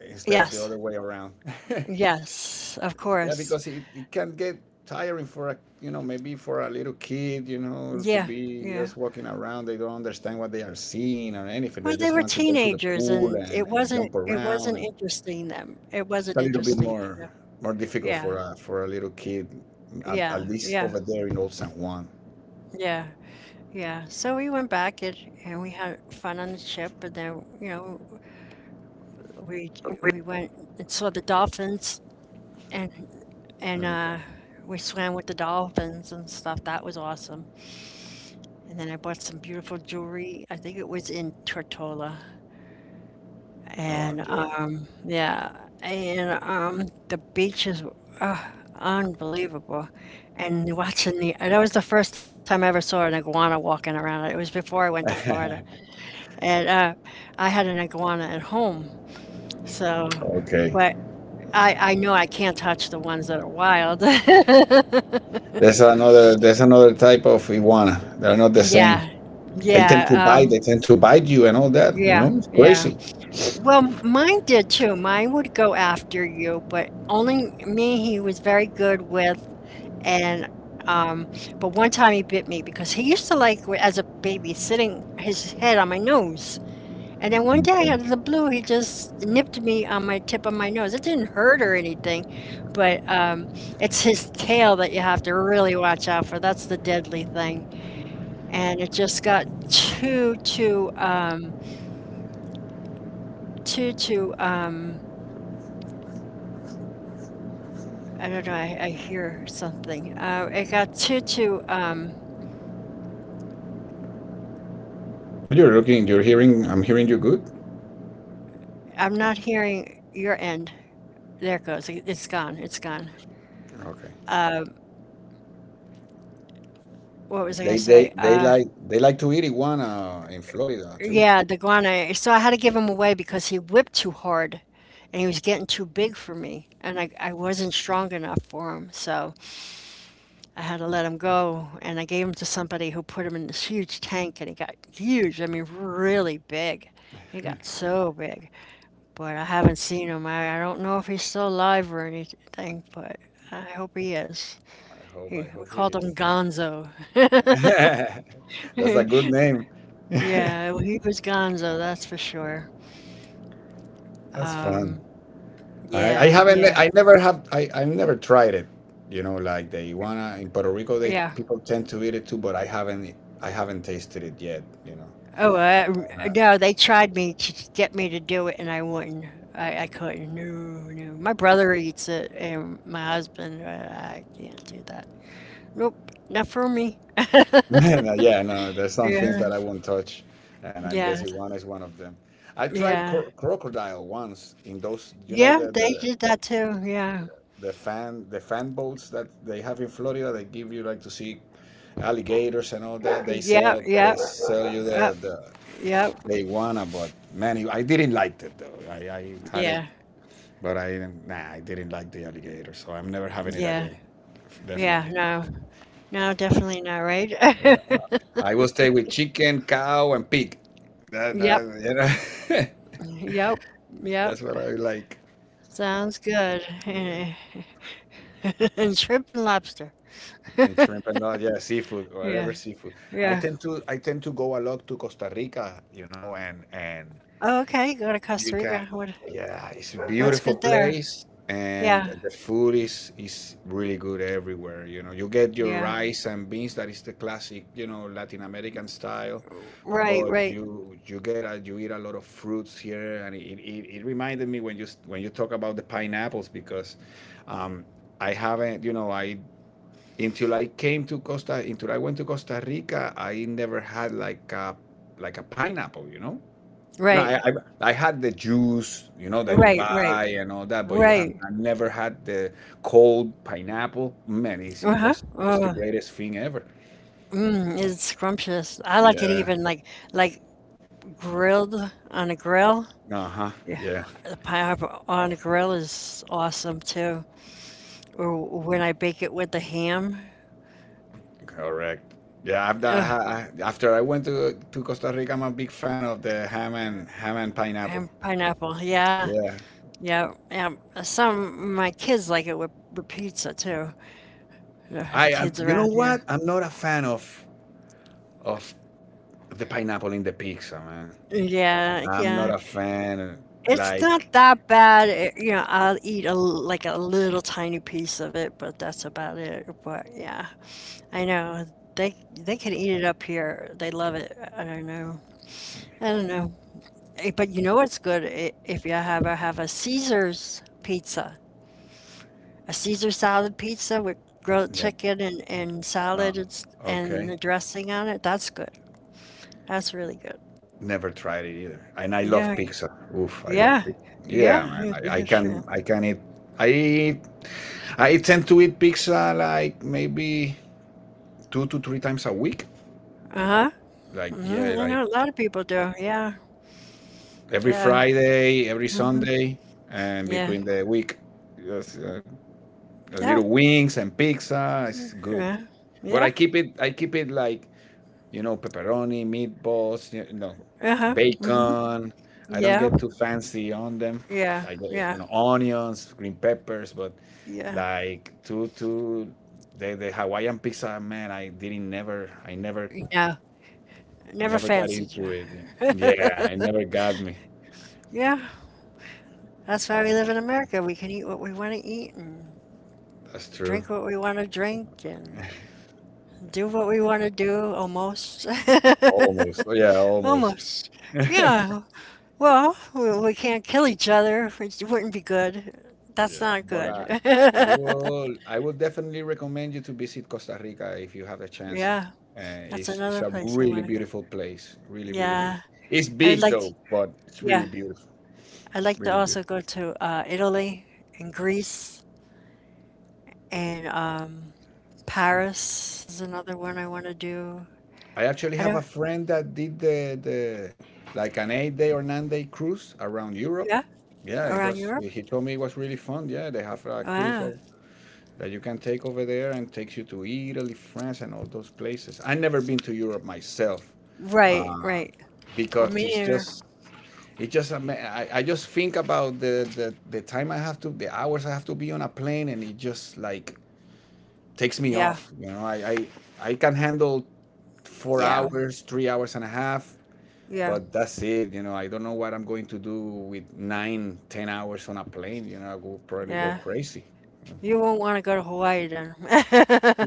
Speaker 2: instead of the
Speaker 1: Yes,
Speaker 2: other way around. Yeah,
Speaker 1: yes, of course.
Speaker 2: because it can get tiring for a, you know, maybe for a little kid, you know, to
Speaker 1: Yeah,
Speaker 2: be
Speaker 1: yeah.
Speaker 2: just walking around. They don't understand what they are seeing or anything. They
Speaker 1: Well, they
Speaker 2: just
Speaker 1: were
Speaker 2: want to go to the
Speaker 1: teenagers,
Speaker 2: pool
Speaker 1: and
Speaker 2: and jump around. And
Speaker 1: It
Speaker 2: it's a
Speaker 1: wasn't
Speaker 2: little bit
Speaker 1: interesting to
Speaker 2: more
Speaker 1: them.
Speaker 2: more difficult for
Speaker 1: Yeah.
Speaker 2: a little kid at
Speaker 1: Yeah,
Speaker 2: least
Speaker 1: yeah,
Speaker 2: over there in Old San Juan.
Speaker 1: yeah, yeah. So we went back, and we had fun on the ship, and then you know we
Speaker 2: We
Speaker 1: we went and saw the dolphins and and uh,
Speaker 2: Okay.
Speaker 1: we swam with the dolphins and stuff. That was awesome. And then I bought some beautiful jewelry. I think it was in Tortola, and
Speaker 2: Oh,
Speaker 1: yeah, and the beaches. Uh, Unbelievable. And that was the first time I ever saw an iguana walking around. It was before I went to
Speaker 2: yeah.
Speaker 1: Florida. And I had an iguana at home, so,
Speaker 2: Okay.
Speaker 1: but I know I can't touch the ones that are wild.
Speaker 2: There's another. There's another type of iguana. They're not the same.
Speaker 1: Yeah,
Speaker 2: They tend to
Speaker 1: yeah,
Speaker 2: bite. They tend to bite you and all that. You
Speaker 1: yeah,
Speaker 2: know, it's
Speaker 1: yeah.
Speaker 2: crazy.
Speaker 1: Well, mine did too. Mine would go after you, but only me he was very good with. And but one time he bit me because he used to like as a baby sitting his head on my nose. And then one day,
Speaker 2: Okay.
Speaker 1: out of the blue, he just nipped me on my tip of my nose. It didn't hurt or anything, but it's his tail that you have to really watch out for. That's the deadly thing. And it just got too, too, um, I don't know, I hear something. It got
Speaker 2: Oh, you're looking. You're hearing. I'm hearing you good.
Speaker 1: I'm not hearing your end. There it goes. It- It's gone. It's gone.
Speaker 2: Okay.
Speaker 1: What was I going to
Speaker 2: They
Speaker 1: say?
Speaker 2: they they like they like to eat iguana in Florida too.
Speaker 1: Yeah, the guana. So I had to give him away because he whipped too hard and he was getting too big for me. And I wasn't strong enough for him. So I had to let him go. And I gave him to somebody who put him in this huge tank and he got huge. I mean, really big. He got so big. But I haven't seen him. I don't know if he's still alive or anything, but I hope he is.
Speaker 2: I hope. I
Speaker 1: He, we
Speaker 2: hope
Speaker 1: called
Speaker 2: he's
Speaker 1: him Gonzo.
Speaker 2: that's a good name.
Speaker 1: Yeah, he was Gonzo, that's for sure.
Speaker 2: That's fun.
Speaker 1: Um, yeah, yeah.
Speaker 2: I never have. I never tried it. You know, like the iguana in Puerto Rico, they
Speaker 1: Yeah.
Speaker 2: people tend to eat it too, but I haven't. I haven't tasted it yet.
Speaker 1: Oh, no, they tried me to get me to do it, and I wouldn't. I couldn't. No, no. My brother eats it, and my husband, I can't do that. Nope, not for me.
Speaker 2: Yeah. No. There's some things
Speaker 1: Yeah,
Speaker 2: that I won't touch, and I guess
Speaker 1: yeah,
Speaker 2: iguana is one of them. I tried
Speaker 1: yeah.
Speaker 2: crocodile once in those. You know
Speaker 1: Yeah,
Speaker 2: the
Speaker 1: they
Speaker 2: the
Speaker 1: did that too. Yeah.
Speaker 2: the fan boats that they have in Florida. They give you like to see alligators and all that. They
Speaker 1: Yeah,
Speaker 2: sell
Speaker 1: yeah,
Speaker 2: they sell you
Speaker 1: uh,
Speaker 2: the
Speaker 1: yeah,
Speaker 2: they wanna, but man, I didn't like it though. I had it,
Speaker 1: yeah,
Speaker 2: but I didn't. Nah, I didn't like the alligator, so I'm never having it
Speaker 1: yeah,
Speaker 2: again.
Speaker 1: yeah.
Speaker 2: Definitely,
Speaker 1: No, no, definitely not, right?
Speaker 2: I will stay with chicken, cow, and pig. That,
Speaker 1: Yep,
Speaker 2: that you know,
Speaker 1: yep, yep.
Speaker 2: that's what I like.
Speaker 1: Sounds good.
Speaker 2: Yeah.
Speaker 1: And shrimp and lobster.
Speaker 2: And shrimp and all, yeah, seafood,
Speaker 1: Yeah.
Speaker 2: whatever seafood. I
Speaker 1: Yeah.
Speaker 2: tend to I tend to go a lot to Costa Rica, you know, and
Speaker 1: Oh, okay, go to
Speaker 2: you
Speaker 1: Costa
Speaker 2: can,
Speaker 1: Rica.
Speaker 2: yeah, it's a
Speaker 1: What's
Speaker 2: beautiful
Speaker 1: good there?
Speaker 2: place, and
Speaker 1: Yeah.
Speaker 2: the food is really good everywhere. You know, you get your
Speaker 1: Yeah.
Speaker 2: rice and beans, that is the classic, you know, Latin American style,
Speaker 1: Right,
Speaker 2: but
Speaker 1: right.
Speaker 2: you get a, you eat a lot of fruits here, and it reminded me when you when you talk about the pineapples because um, I haven't, you know, I until I came to Costa until I went to Costa Rica, I never had like a pineapple, you know,
Speaker 1: Right.
Speaker 2: I had the juice, you know, that you
Speaker 1: Right, right.
Speaker 2: buy and all that, but you have
Speaker 1: Right.
Speaker 2: I never had the cold pineapple. Man, it's- it
Speaker 1: Uh-huh.
Speaker 2: was just the greatest thing ever.
Speaker 1: Mm, it's scrumptious. I like it
Speaker 2: Yeah.
Speaker 1: even like grilled on a grill.
Speaker 2: Uh huh.
Speaker 1: Yeah.
Speaker 2: Yeah.
Speaker 1: The pineapple on a grill is awesome too. Or when I bake it with the ham.
Speaker 2: Correct. Yeah. After
Speaker 1: Ugh,
Speaker 2: after I went to Costa Rica, I'm a big fan of the ham and ham and pineapple.
Speaker 1: ham pineapple. Yeah.
Speaker 2: Yeah.
Speaker 1: Yeah. Yeah. Some my kids like it with pizza too. Ugh, the
Speaker 2: I am.
Speaker 1: kids
Speaker 2: You know
Speaker 1: around
Speaker 2: what?
Speaker 1: here.
Speaker 2: I'm not a fan of of the pineapple in the pizza, man.
Speaker 1: Yeah,
Speaker 2: I'm not
Speaker 1: yeah.
Speaker 2: a fan.
Speaker 1: It's not
Speaker 2: Like,
Speaker 1: that bad. It, you know, I'll eat like a little tiny piece of it, but that's about it. But yeah, I know they can eat it up here. They love it. I don't know. I don't know. Eh, but you know what's good? If you ever have a Caesar's pizza, a Caesar salad pizza with grilled
Speaker 2: yeah,
Speaker 1: chicken and
Speaker 2: uh,
Speaker 1: salad and, and
Speaker 2: okay.
Speaker 1: the dressing on it, that's good. That's really good.
Speaker 2: Never tried it either. And I love
Speaker 1: Yeah,
Speaker 2: pizza. Oof, I love
Speaker 1: yeah,
Speaker 2: pizza. Yeah,
Speaker 1: yeah.
Speaker 2: man. I, I can I can eat I tend to eat pizza like maybe two to three times a week.
Speaker 1: Uh-huh.
Speaker 2: Like, yeah,
Speaker 1: Mhm, I
Speaker 2: like
Speaker 1: know a lot of people do. Yeah.
Speaker 2: every
Speaker 1: Yeah.
Speaker 2: Friday, every
Speaker 1: Mhm.
Speaker 2: Sunday, and
Speaker 1: Yeah.
Speaker 2: between the week. Just, a little
Speaker 1: Yeah.
Speaker 2: wings and pizza. It's good. But I
Speaker 1: Yeah.
Speaker 2: keep it I keep it like you know, pepperoni, meatballs, you know,
Speaker 1: Yeah. Uh-huh. Mhm.
Speaker 2: bacon. I don't
Speaker 1: Yeah.
Speaker 2: get too fancy on them. I
Speaker 1: Yeah.
Speaker 2: get, you
Speaker 1: Yeah.
Speaker 2: know, onions, green peppers, but
Speaker 1: Yeah.
Speaker 2: like to the Hawaiian pizza, man, I didn't never, I never,
Speaker 1: No. Never
Speaker 2: never got
Speaker 1: fancied you.
Speaker 2: into it. Yeah, it never got me.
Speaker 1: Yeah. That's why we live in America. We can eat what we want to eat and
Speaker 2: That's true.
Speaker 1: drink what we want to drink and do what we want to do almost.
Speaker 2: Almost. Oh, yeah, almost.
Speaker 1: Almost. Yeah. Well, we can't kill each other, which wouldn't be good. That's
Speaker 2: Yeah.
Speaker 1: not
Speaker 2: But
Speaker 1: good.
Speaker 2: I will definitely recommend you to visit Costa Rica if you have the chance.
Speaker 1: Yeah. That's
Speaker 2: It's
Speaker 1: another
Speaker 2: a
Speaker 1: place I want
Speaker 2: really
Speaker 1: to go.
Speaker 2: beautiful place. Really, really big.
Speaker 1: Yeah,
Speaker 2: It's
Speaker 1: I would
Speaker 2: big though,
Speaker 1: like,
Speaker 2: but it's really
Speaker 1: yeah,
Speaker 2: beautiful.
Speaker 1: I'd like to
Speaker 2: Really
Speaker 1: also
Speaker 2: beautiful.
Speaker 1: go to Italy and Greece and Paris is another one I want to do.
Speaker 2: I actually
Speaker 1: I
Speaker 2: have a
Speaker 1: don't,
Speaker 2: friend that did the like an 8 day or 9 day cruise around Europe.
Speaker 1: yeah,
Speaker 2: Yeah, it
Speaker 1: around
Speaker 2: was.
Speaker 1: Europe.
Speaker 2: He told me it was really fun. Yeah, they have a cruise
Speaker 1: Wow.
Speaker 2: all that you can take over there and takes you to Italy, France, and all those places. I've never been to Europe myself,
Speaker 1: Right,
Speaker 2: uh,
Speaker 1: right. A
Speaker 2: because it's
Speaker 1: meteor.
Speaker 2: just it just I just think about the time I have to the hours I have to be on a plane and it just like takes me
Speaker 1: Yeah,
Speaker 2: off. You know, I can handle four
Speaker 1: yeah,
Speaker 2: hours, 3 hours and a half.
Speaker 1: yeah,
Speaker 2: But that's it, you know. I don't know what I'm going to do with nine, 10 hours on a plane. You know, I will probably go
Speaker 1: yeah.
Speaker 2: crazy.
Speaker 1: You won't want to go to Hawaii then.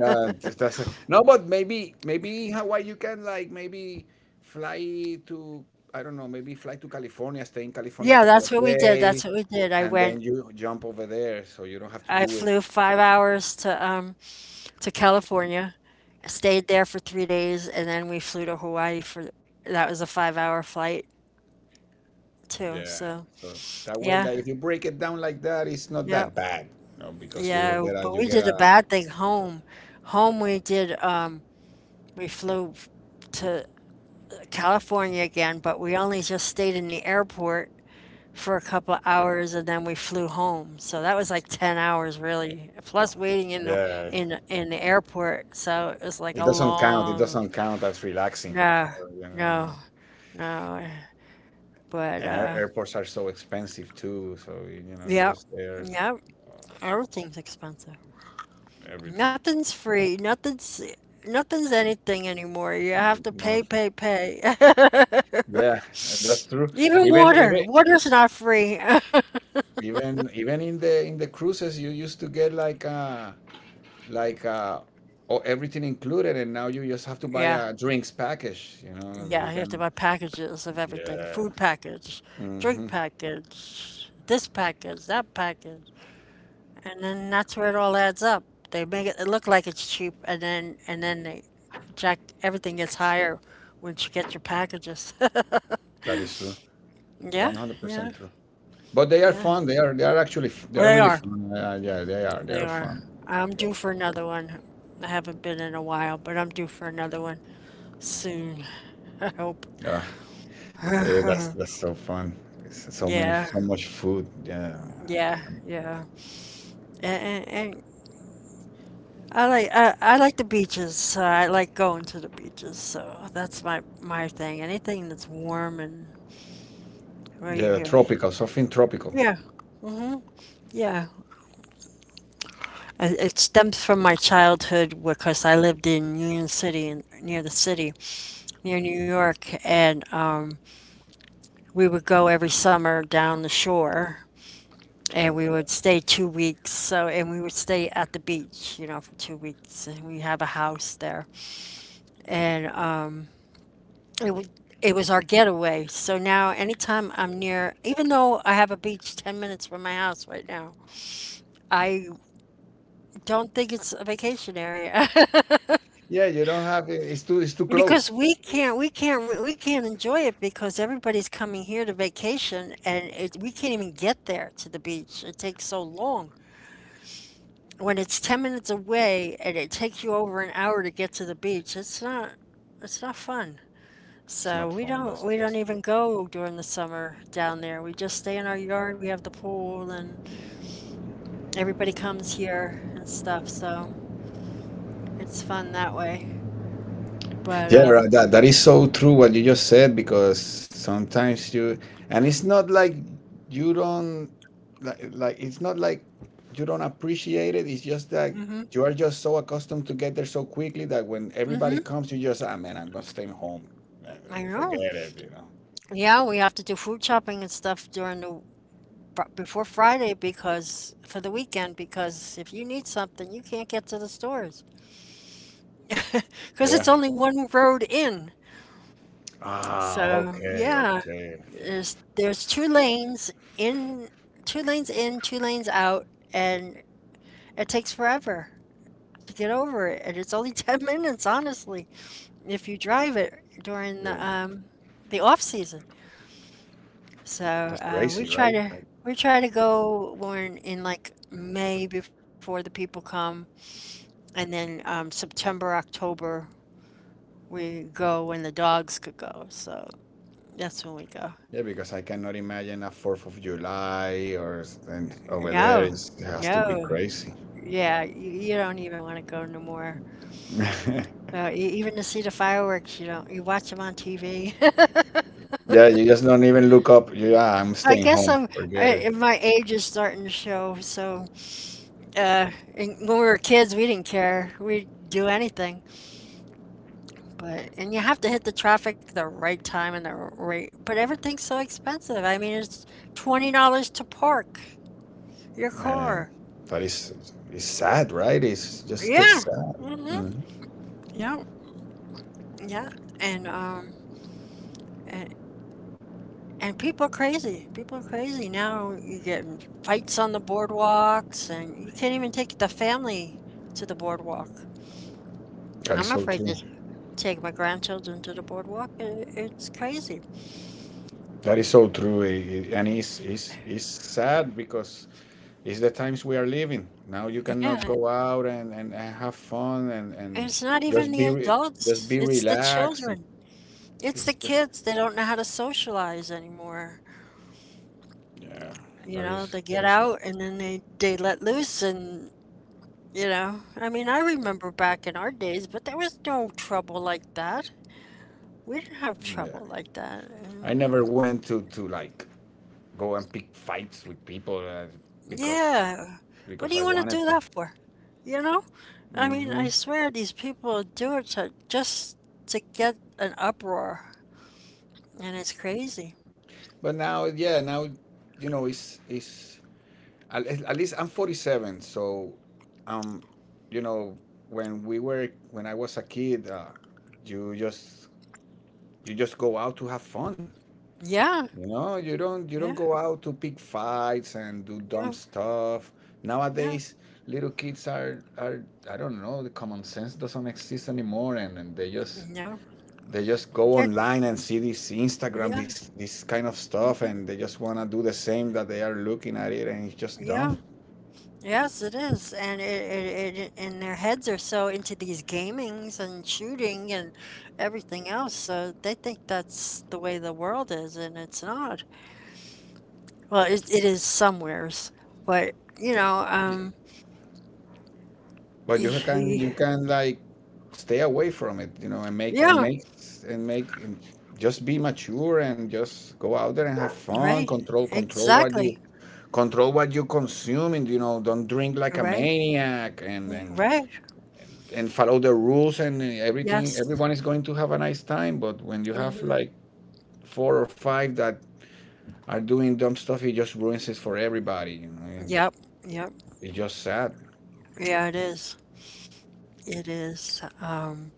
Speaker 2: That's it. No, but maybe Hawaii you can like maybe fly to I don't know maybe fly to California, stay in California a
Speaker 1: Yeah,
Speaker 2: couple of
Speaker 1: that's what we did.
Speaker 2: days,
Speaker 1: That's what we did. I
Speaker 2: and
Speaker 1: went,
Speaker 2: then you jump over there, so you don't have to
Speaker 1: I
Speaker 2: do it.
Speaker 1: flew 5 hours to California, stayed there for 3 days, and then we flew to Hawaii for, that was a 5 hour flight too.
Speaker 2: Yeah,
Speaker 1: So
Speaker 2: so that way
Speaker 1: yeah,
Speaker 2: that if you break it down like that, it's not
Speaker 1: yep,
Speaker 2: that bad, you know, because
Speaker 1: yeah. But
Speaker 2: you
Speaker 1: we
Speaker 2: get
Speaker 1: did a
Speaker 2: a
Speaker 1: bad thing home. Home we did we flew f- to California again, but we only just stayed in the airport for a couple hours and then we flew home. So that was like 10 hours really, plus waiting
Speaker 2: yeah,
Speaker 1: in the airport. So it was like
Speaker 2: it
Speaker 1: a
Speaker 2: doesn't count. It
Speaker 1: long,
Speaker 2: doesn't count as relaxing.
Speaker 1: no,
Speaker 2: You know,
Speaker 1: no, no. But,
Speaker 2: and airports are so expensive too, so you know
Speaker 1: yeah,
Speaker 2: you're just there
Speaker 1: yeah,
Speaker 2: like oh,
Speaker 1: everything's expensive.
Speaker 2: everything.
Speaker 1: Nothing's free. Nothing's anything anymore. You have
Speaker 2: Mm,
Speaker 1: to
Speaker 2: no,
Speaker 1: pay, pay, pay.
Speaker 2: yeah, that's true.
Speaker 1: Even
Speaker 2: Even
Speaker 1: water.
Speaker 2: even
Speaker 1: Water's not free.
Speaker 2: even in the cruises, you used to get like oh, everything included, and now you just have to buy
Speaker 1: Yeah,
Speaker 2: a drinks package. You know, you
Speaker 1: yeah, you have
Speaker 2: can.
Speaker 1: to buy packages of everything.
Speaker 2: Yeah.
Speaker 1: Food package,
Speaker 2: Mm-hmm.
Speaker 1: drink package, this package, that package. And then that's where it all adds up. They make it, it look like it's cheap, and then they jack, everything gets higher once you get your packages.
Speaker 2: That is true. One
Speaker 1: Yeah,
Speaker 2: hundred percent
Speaker 1: yeah.
Speaker 2: true. But they are
Speaker 1: Yeah,
Speaker 2: fun. They are actually they are
Speaker 1: they
Speaker 2: really
Speaker 1: are.
Speaker 2: fun. Yeah, they are they
Speaker 1: They
Speaker 2: are
Speaker 1: are.
Speaker 2: fun.
Speaker 1: I'm
Speaker 2: Yeah.
Speaker 1: due for another one. I haven't been in a while, but I'm due for another one soon. I hope.
Speaker 2: Ah, yeah, that's so fun. It's so many,
Speaker 1: Yeah,
Speaker 2: so much food. Yeah,
Speaker 1: yeah, yeah. And, and, and I like I like the beaches. So I like going to the beaches. So that's my thing. Anything that's warm and where you
Speaker 2: yeah,
Speaker 1: hear.
Speaker 2: tropical, something tropical.
Speaker 1: Yeah, yeah. It stems from my childhood because I lived in Union City, in, near the city, near New York, and we would go every summer down the shore and we would stay 2 weeks. So, and we would stay at the beach, you know, for 2 weeks. And we have a house there. And it, wa- it was our getaway. So now, anytime I'm near, even though I have a beach 10 minutes from my house right now, I don't think it's a vacation area.
Speaker 2: Yeah, you don't have it. It's too
Speaker 1: Because
Speaker 2: close.
Speaker 1: we can't enjoy it because everybody's coming here to vacation and it, we can't even get there to the beach. It takes so long. When it's 10 minutes away and it takes you over an hour to get to the beach, it's not fun.
Speaker 2: It's not
Speaker 1: So we
Speaker 2: fun.
Speaker 1: don't we
Speaker 2: That's
Speaker 1: don't
Speaker 2: true.
Speaker 1: even go during the summer down there. We just stay in our yard. We have the pool and everybody comes here and stuff. So it's fun that way. But
Speaker 2: Yeah, right. That that is so true what you just said because sometimes you and it's not like you don't like it's not like you don't appreciate it. It's just that
Speaker 1: mhm
Speaker 2: you are just so accustomed to get there so quickly that when everybody
Speaker 1: mhm
Speaker 2: comes, you just ah man, I'm gonna stay home. Eh,
Speaker 1: I know.
Speaker 2: forget it, you know.
Speaker 1: Yeah, we have to do food shopping and stuff during the before Friday, because for the weekend, because if you need something, you can't get to the stores because
Speaker 2: Yeah.
Speaker 1: it's only one road in.
Speaker 2: Ah,
Speaker 1: So
Speaker 2: okay,
Speaker 1: yeah,
Speaker 2: okay, okay.
Speaker 1: there's two lanes in, two lanes in, two lanes out, and it takes forever to get over it, and it's only 10 minutes, honestly, if you drive it during
Speaker 2: Yeah,
Speaker 1: the off season. So
Speaker 2: that's crazy,
Speaker 1: we try
Speaker 2: right?
Speaker 1: to go when in like May before the people come, and then September, October we go when the dogs could go. So that's when we go.
Speaker 2: Yeah, because I cannot imagine a Fourth of July or and over there.
Speaker 1: No,
Speaker 2: It's, it has to
Speaker 1: no.
Speaker 2: be crazy.
Speaker 1: Yeah, you don't even want to go no more. Even to see the fireworks, you don't. You watch them on TV.
Speaker 2: Yeah, you just don't even look up. Yeah, I'm
Speaker 1: I
Speaker 2: staying
Speaker 1: guess
Speaker 2: home.
Speaker 1: I'm.
Speaker 2: Forget it.
Speaker 1: I, my age is starting to show. So when we were kids, we didn't care. We'd do anything. But and you have to hit the traffic the right time and the right. But everything's so expensive. I mean, it's $20 to park your
Speaker 2: Man,
Speaker 1: car.
Speaker 2: that is it's sad, right? It's just gets
Speaker 1: Yeah.
Speaker 2: sad.
Speaker 1: Mm-hmm.
Speaker 2: Mhm.
Speaker 1: Yep. Yeah. And um. a- And people are crazy. People are crazy. Now you get in fights on the boardwalks, and you can't even take the family to the boardwalk.
Speaker 2: That is
Speaker 1: I'm
Speaker 2: so
Speaker 1: afraid to
Speaker 2: true.
Speaker 1: take my grandchildren to the boardwalk. It's crazy.
Speaker 2: That is so true. And it's sad because it's the times we are living. Now you
Speaker 1: Yeah,
Speaker 2: cannot go out and, and have fun and
Speaker 1: it's not even
Speaker 2: just
Speaker 1: the
Speaker 2: be re- just
Speaker 1: adults,
Speaker 2: be
Speaker 1: it's the
Speaker 2: relaxed.
Speaker 1: children. It's the
Speaker 2: It's just
Speaker 1: kids. They don't know how to socialize anymore.
Speaker 2: yeah,
Speaker 1: You
Speaker 2: that
Speaker 1: know,
Speaker 2: is
Speaker 1: they
Speaker 2: that
Speaker 1: get
Speaker 2: is
Speaker 1: out and then they let loose, and you know, I mean, I remember back in our days, but there was no trouble like that. We didn't have trouble
Speaker 2: yeah.
Speaker 1: like that. And
Speaker 2: I never went to like go and pick fights with people, because
Speaker 1: yeah, what do
Speaker 2: because
Speaker 1: you
Speaker 2: I
Speaker 1: want to do
Speaker 2: wanted to.
Speaker 1: that for? You know? I mean, I
Speaker 2: hmm
Speaker 1: swear these people do it to, just to get an uproar, and it's crazy.
Speaker 2: But now, yeah, now you know it's at least I'm 47, so, um, you know when we were when I was a kid, you just you just go out to have fun.
Speaker 1: Yeah,
Speaker 2: You know, you don't
Speaker 1: yeah,
Speaker 2: go out to pick fights and do dumb
Speaker 1: no,
Speaker 2: stuff.
Speaker 1: no,
Speaker 2: Nowadays, little kids are I don't know, the common sense doesn't exist anymore and
Speaker 1: no.
Speaker 2: they just go
Speaker 1: They're,
Speaker 2: online and see this Instagram,
Speaker 1: yeah,
Speaker 2: this kind of stuff
Speaker 1: mm-hmm,
Speaker 2: and they just wanna do the same that they are looking at it and it's just
Speaker 1: yeah.
Speaker 2: dumb.
Speaker 1: Yes, it is, and it and their heads are so into these gamings and shooting and everything else, so they think that's the way the world is, and it's not. Well, it is somewheres, but
Speaker 2: Ye- But
Speaker 1: y- y-
Speaker 2: you can like stay away from it, you know, and
Speaker 1: yeah,
Speaker 2: make and just be mature and just go out there and have fun,
Speaker 1: right,
Speaker 2: control what you
Speaker 1: exactly,
Speaker 2: consume, and you know don't drink like a
Speaker 1: right,
Speaker 2: maniac and
Speaker 1: yeah,
Speaker 2: and
Speaker 1: right,
Speaker 2: and follow the rules and everything
Speaker 1: yes,
Speaker 2: everyone is going to have a nice time but when you have
Speaker 1: hmm,
Speaker 2: like four or five that are doing dumb stuff it just ruins it for everybody you know and
Speaker 1: yep, yep,
Speaker 2: it's just sad.
Speaker 1: yeah, it is, it is.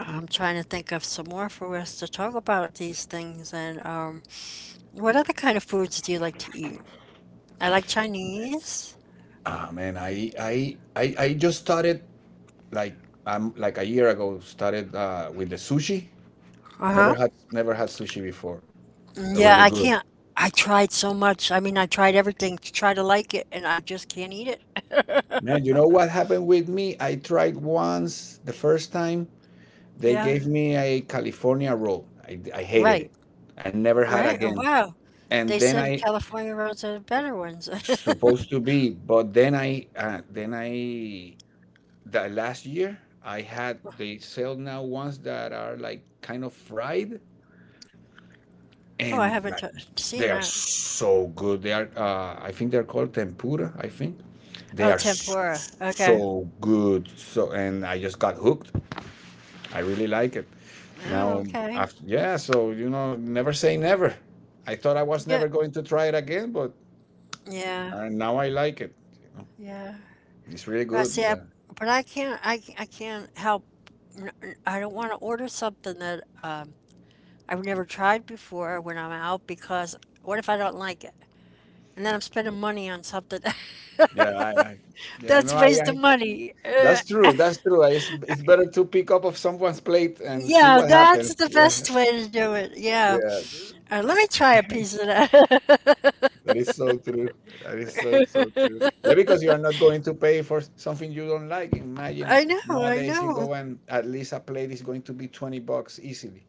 Speaker 1: I'm trying to think of some more for us to talk about these things, and what other kind of foods do you like to eat? I like Chinese.
Speaker 2: Ah, man, I just started like like a year ago started, with the sushi.
Speaker 1: Uh-huh.
Speaker 2: Never had sushi before.
Speaker 1: Yeah,
Speaker 2: Really
Speaker 1: I
Speaker 2: good.
Speaker 1: can't. I tried so much. I mean, I tried everything to try to like it, and I just can't eat it.
Speaker 2: Man, you know what happened with me? I tried once the first time they
Speaker 1: Yeah.
Speaker 2: gave me a California roll. I hated
Speaker 1: Right,
Speaker 2: it. I never had
Speaker 1: right. Oh,
Speaker 2: again.
Speaker 1: wow.
Speaker 2: And
Speaker 1: They
Speaker 2: then
Speaker 1: said
Speaker 2: I
Speaker 1: California roads are the better ones.
Speaker 2: supposed to be, but then I the last year I had they sell now ones that are like kind of fried
Speaker 1: Oh, I
Speaker 2: and
Speaker 1: haven't t
Speaker 2: like,
Speaker 1: seen
Speaker 2: they are
Speaker 1: that.
Speaker 2: so good. They are, I think they're called tempura. I think they
Speaker 1: Oh,
Speaker 2: are s-
Speaker 1: tempura. Okay.
Speaker 2: so good. So and I just got hooked. I really like it.
Speaker 1: Oh,
Speaker 2: Now,
Speaker 1: okay.
Speaker 2: after, yeah, so, you know, never say never. I thought I was
Speaker 1: Yeah,
Speaker 2: never going to try it again, but,
Speaker 1: yeah,
Speaker 2: now I like it. You know,
Speaker 1: yeah.
Speaker 2: it's really
Speaker 1: I see.
Speaker 2: good.
Speaker 1: I,
Speaker 2: Yeah,
Speaker 1: but I can't. I can't help. I don't want to order something that I've never tried before when I'm out, because what if I don't like it? And then I'm spending money on something.
Speaker 2: yeah, I yeah,
Speaker 1: That's
Speaker 2: no,
Speaker 1: a waste of
Speaker 2: I,
Speaker 1: money.
Speaker 2: that's true. That's true. It's better to pick up of someone's plate and see
Speaker 1: Yeah,
Speaker 2: what
Speaker 1: that's
Speaker 2: happens.
Speaker 1: the
Speaker 2: Yeah,
Speaker 1: best way to do it. Yeah.
Speaker 2: yeah,
Speaker 1: Let me try a piece of that.
Speaker 2: that is so true. That is so so true. Yeah, because you are not going to pay for something you don't like. Imagine
Speaker 1: I know, I
Speaker 2: nowadays you
Speaker 1: know.
Speaker 2: go and at least a plate is going to be $20 easily.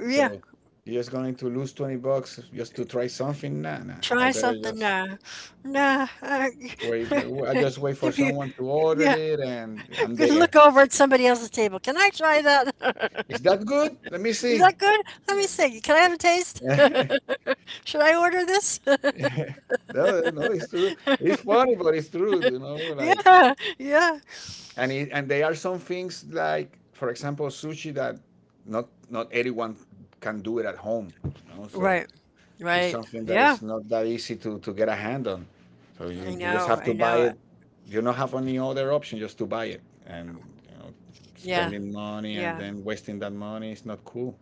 Speaker 1: Yeah,
Speaker 2: So you're just going to lose 20 bucks just to try something? Nah, nah. I
Speaker 1: try
Speaker 2: better
Speaker 1: something
Speaker 2: just
Speaker 1: now. Nah,
Speaker 2: wait. I just wait for
Speaker 1: give you,
Speaker 2: someone to order
Speaker 1: yeah,
Speaker 2: it and I'm
Speaker 1: good,
Speaker 2: there.
Speaker 1: look over at somebody else's table. Can I try that?
Speaker 2: Is that good? Let me
Speaker 1: Is
Speaker 2: see.
Speaker 1: that good? Let me see. Can I have a taste?
Speaker 2: No,
Speaker 1: Should I order this?
Speaker 2: No, it's true. It's funny, but it's true, like
Speaker 1: Yeah, yeah.
Speaker 2: and it, and there are some things like for example sushi that not everyone can do it at home, you know, so
Speaker 1: Right,
Speaker 2: it's
Speaker 1: right.
Speaker 2: something that
Speaker 1: Yeah,
Speaker 2: is not that easy to get a hand on. So
Speaker 1: I
Speaker 2: you just
Speaker 1: know,
Speaker 2: have
Speaker 1: I
Speaker 2: to buy
Speaker 1: know.
Speaker 2: it. You don't have any other option just to buy it. And you know,
Speaker 1: Yeah,
Speaker 2: spending money
Speaker 1: yeah.
Speaker 2: and then wasting that money is not cool.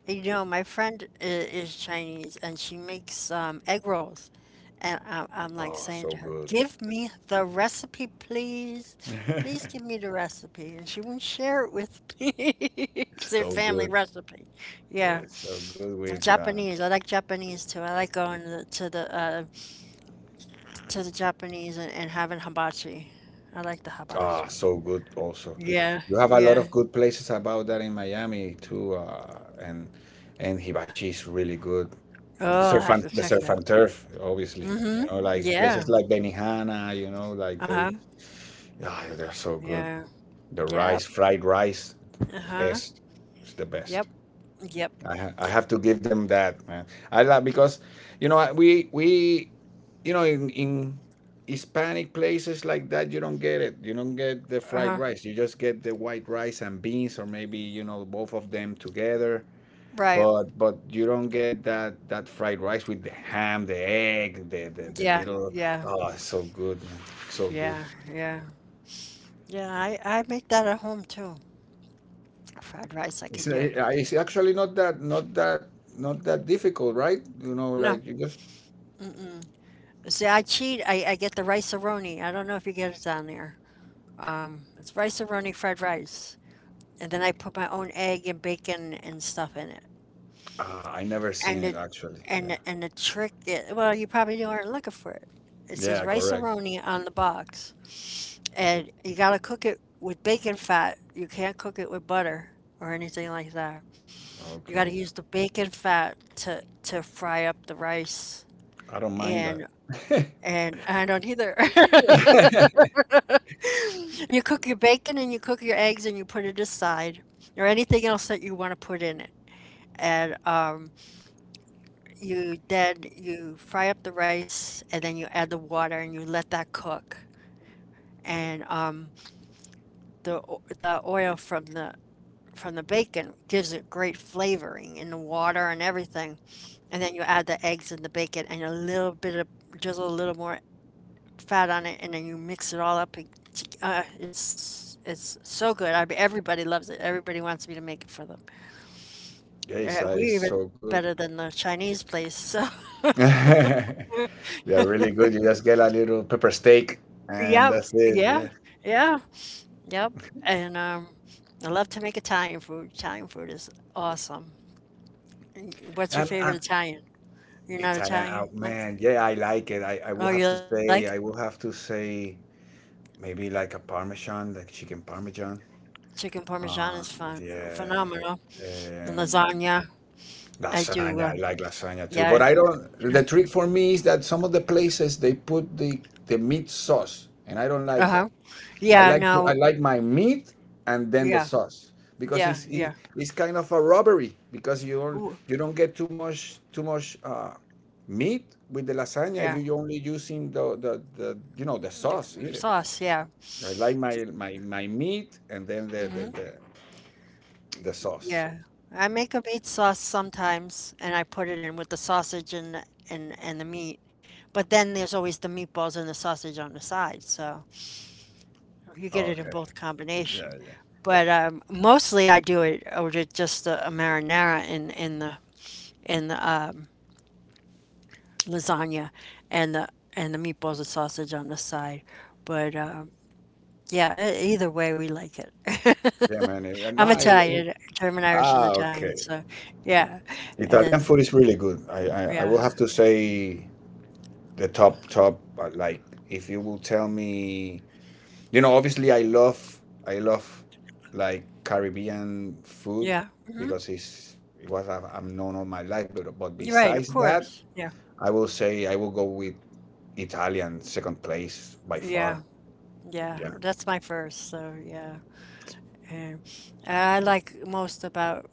Speaker 1: You know, my friend is Chinese and she makes egg rolls. And I'm like
Speaker 2: Oh,
Speaker 1: saying
Speaker 2: so
Speaker 1: to her,
Speaker 2: good.
Speaker 1: "Give me the recipe, please. Please give me the recipe." And she won't share it with me. It's their
Speaker 2: so
Speaker 1: family
Speaker 2: good.
Speaker 1: recipe.
Speaker 2: Yeah,
Speaker 1: Yeah.
Speaker 2: it's so good with
Speaker 1: And Japanese. I like Japanese too. I like going to the to the Japanese and having hibachi. I like the
Speaker 2: ah,
Speaker 1: hibachi.
Speaker 2: so good also.
Speaker 1: Yeah.
Speaker 2: You have a lot
Speaker 1: Yeah.
Speaker 2: of good places about that in Miami too, and hibachi is really good.
Speaker 1: Oh,
Speaker 2: the surf
Speaker 1: I'll
Speaker 2: and
Speaker 1: have to
Speaker 2: The
Speaker 1: check
Speaker 2: surf
Speaker 1: it
Speaker 2: and
Speaker 1: out.
Speaker 2: turf, obviously. You
Speaker 1: Mm-hmm.
Speaker 2: know, like
Speaker 1: Yeah.
Speaker 2: places like Benihana. You know, like they,
Speaker 1: Uh-huh.
Speaker 2: ah, they're so good.
Speaker 1: Yeah.
Speaker 2: The rice,
Speaker 1: Yeah.
Speaker 2: fried rice,
Speaker 1: Uh-huh.
Speaker 2: best. It's the
Speaker 1: Yep.
Speaker 2: best.
Speaker 1: Yep.
Speaker 2: I
Speaker 1: Yep.
Speaker 2: have to give them that, man. I love because, you know, you know, in Hispanic places like that, you don't get it. You don't get the fried
Speaker 1: Uh-huh.
Speaker 2: rice. You just get the white rice and beans, or maybe you know both of them together.
Speaker 1: Right.
Speaker 2: But you don't get that fried rice with the ham, the egg, the
Speaker 1: Yeah.
Speaker 2: little
Speaker 1: Yeah.
Speaker 2: oh, it's so good, man, so good.
Speaker 1: Yeah. Yeah. Yeah. I make that at home too. Fried rice I
Speaker 2: It's
Speaker 1: could
Speaker 2: uh,
Speaker 1: do.
Speaker 2: it's actually not that difficult, right? You know,
Speaker 1: No.
Speaker 2: like you just
Speaker 1: Mm-mm. See, I cheat. I get the rice-a-roni. I don't know if you get it down there. It's rice-a-roni fried rice. And then I put my own egg and bacon and stuff in it.
Speaker 2: ah, I never seen
Speaker 1: And
Speaker 2: it
Speaker 1: it
Speaker 2: actually. Yeah,
Speaker 1: and and the trick is, well, you probably aren't looking for it. It says
Speaker 2: yeah, correct.
Speaker 1: rice-a-roni on the box. And you gotta cook it with bacon fat. You can't cook it with butter or anything like that. You gotta
Speaker 2: Okay,
Speaker 1: use the bacon fat to fry up the rice.
Speaker 2: I don't mind
Speaker 1: And
Speaker 2: that. yeah,
Speaker 1: and I don't either. You cook your bacon and you cook your eggs and you put it aside or anything else that you want to put in it. And you then you fry up the rice and then you add the water and you let that cook. And the the oil from the bacon gives it great flavoring in the water and everything. And then you add the eggs and the bacon and a little bit of drizzle a little more fat on it, and then you mix it all up. And it's so good. I mean, everybody loves it. Everybody wants me to make it for them. We
Speaker 2: it's
Speaker 1: even
Speaker 2: so
Speaker 1: think it's
Speaker 2: good.
Speaker 1: better than the Chinese place. So
Speaker 2: They're really good. You just get a little pepper steak, and
Speaker 1: yeah,
Speaker 2: that's it.
Speaker 1: yeah,
Speaker 2: Yeah.
Speaker 1: yeah, yep. And I love to make Italian food. Italian food is awesome. What's your
Speaker 2: I'm,
Speaker 1: favorite
Speaker 2: I
Speaker 1: Italian? You're not
Speaker 2: Italian,
Speaker 1: Italian,
Speaker 2: out
Speaker 1: like?
Speaker 2: man. Yeah, I like it. I
Speaker 1: Oh,
Speaker 2: will
Speaker 1: you
Speaker 2: have to
Speaker 1: like?
Speaker 2: say I will have to say maybe like a parmesan, like chicken parmesan.
Speaker 1: Chicken parmesan is
Speaker 2: Uh,
Speaker 1: phenomenal,
Speaker 2: yeah,
Speaker 1: and
Speaker 2: and
Speaker 1: lasagna. I do,
Speaker 2: lasagna. I like lasagna too.
Speaker 1: yeah,
Speaker 2: But I don't. The trick for me is that some of the places they put the meat sauce, and I don't like that.
Speaker 1: uh-huh. Yeah,
Speaker 2: I
Speaker 1: no,
Speaker 2: like my meat and then the
Speaker 1: yeah,
Speaker 2: sauce because
Speaker 1: yeah, yeah.
Speaker 2: it's kind of a robbery because
Speaker 1: Ooh,
Speaker 2: you don't get too much meat with the lasagna if
Speaker 1: yeah,
Speaker 2: you're only using the you know the
Speaker 1: the
Speaker 2: sauce in it.
Speaker 1: sauce, yeah,
Speaker 2: I like my meat and then the sauce. So.
Speaker 1: yeah. I make a meat sauce sometimes, and I put it in with the sausage and and the meat. But then there's always the meatballs and the sausage on the side, so you get it in
Speaker 2: Okay.
Speaker 1: both combination.
Speaker 2: Yeah, yeah,
Speaker 1: But mostly I do it or just a marinara in in the lasagna, and the meatballs and sausage on the side. But yeah, either way, we like it.
Speaker 2: yeah, man. It, no,
Speaker 1: I'm
Speaker 2: I, it,
Speaker 1: Italian, German, Irish, and
Speaker 2: ah,
Speaker 1: Italian.
Speaker 2: okay.
Speaker 1: So yeah, and
Speaker 2: Italian food
Speaker 1: then
Speaker 2: is really good. I
Speaker 1: yeah,
Speaker 2: will have to say the top top. Like if you will tell me you know, obviously I love like Caribbean food
Speaker 1: yeah,
Speaker 2: because it's it was I've known all my life. But
Speaker 1: you're right, of
Speaker 2: besides that,
Speaker 1: course. Yeah,
Speaker 2: I will go with Italian second place by
Speaker 1: yeah,
Speaker 2: far.
Speaker 1: yeah.
Speaker 2: Yeah,
Speaker 1: That's my first. So yeah, and I like most about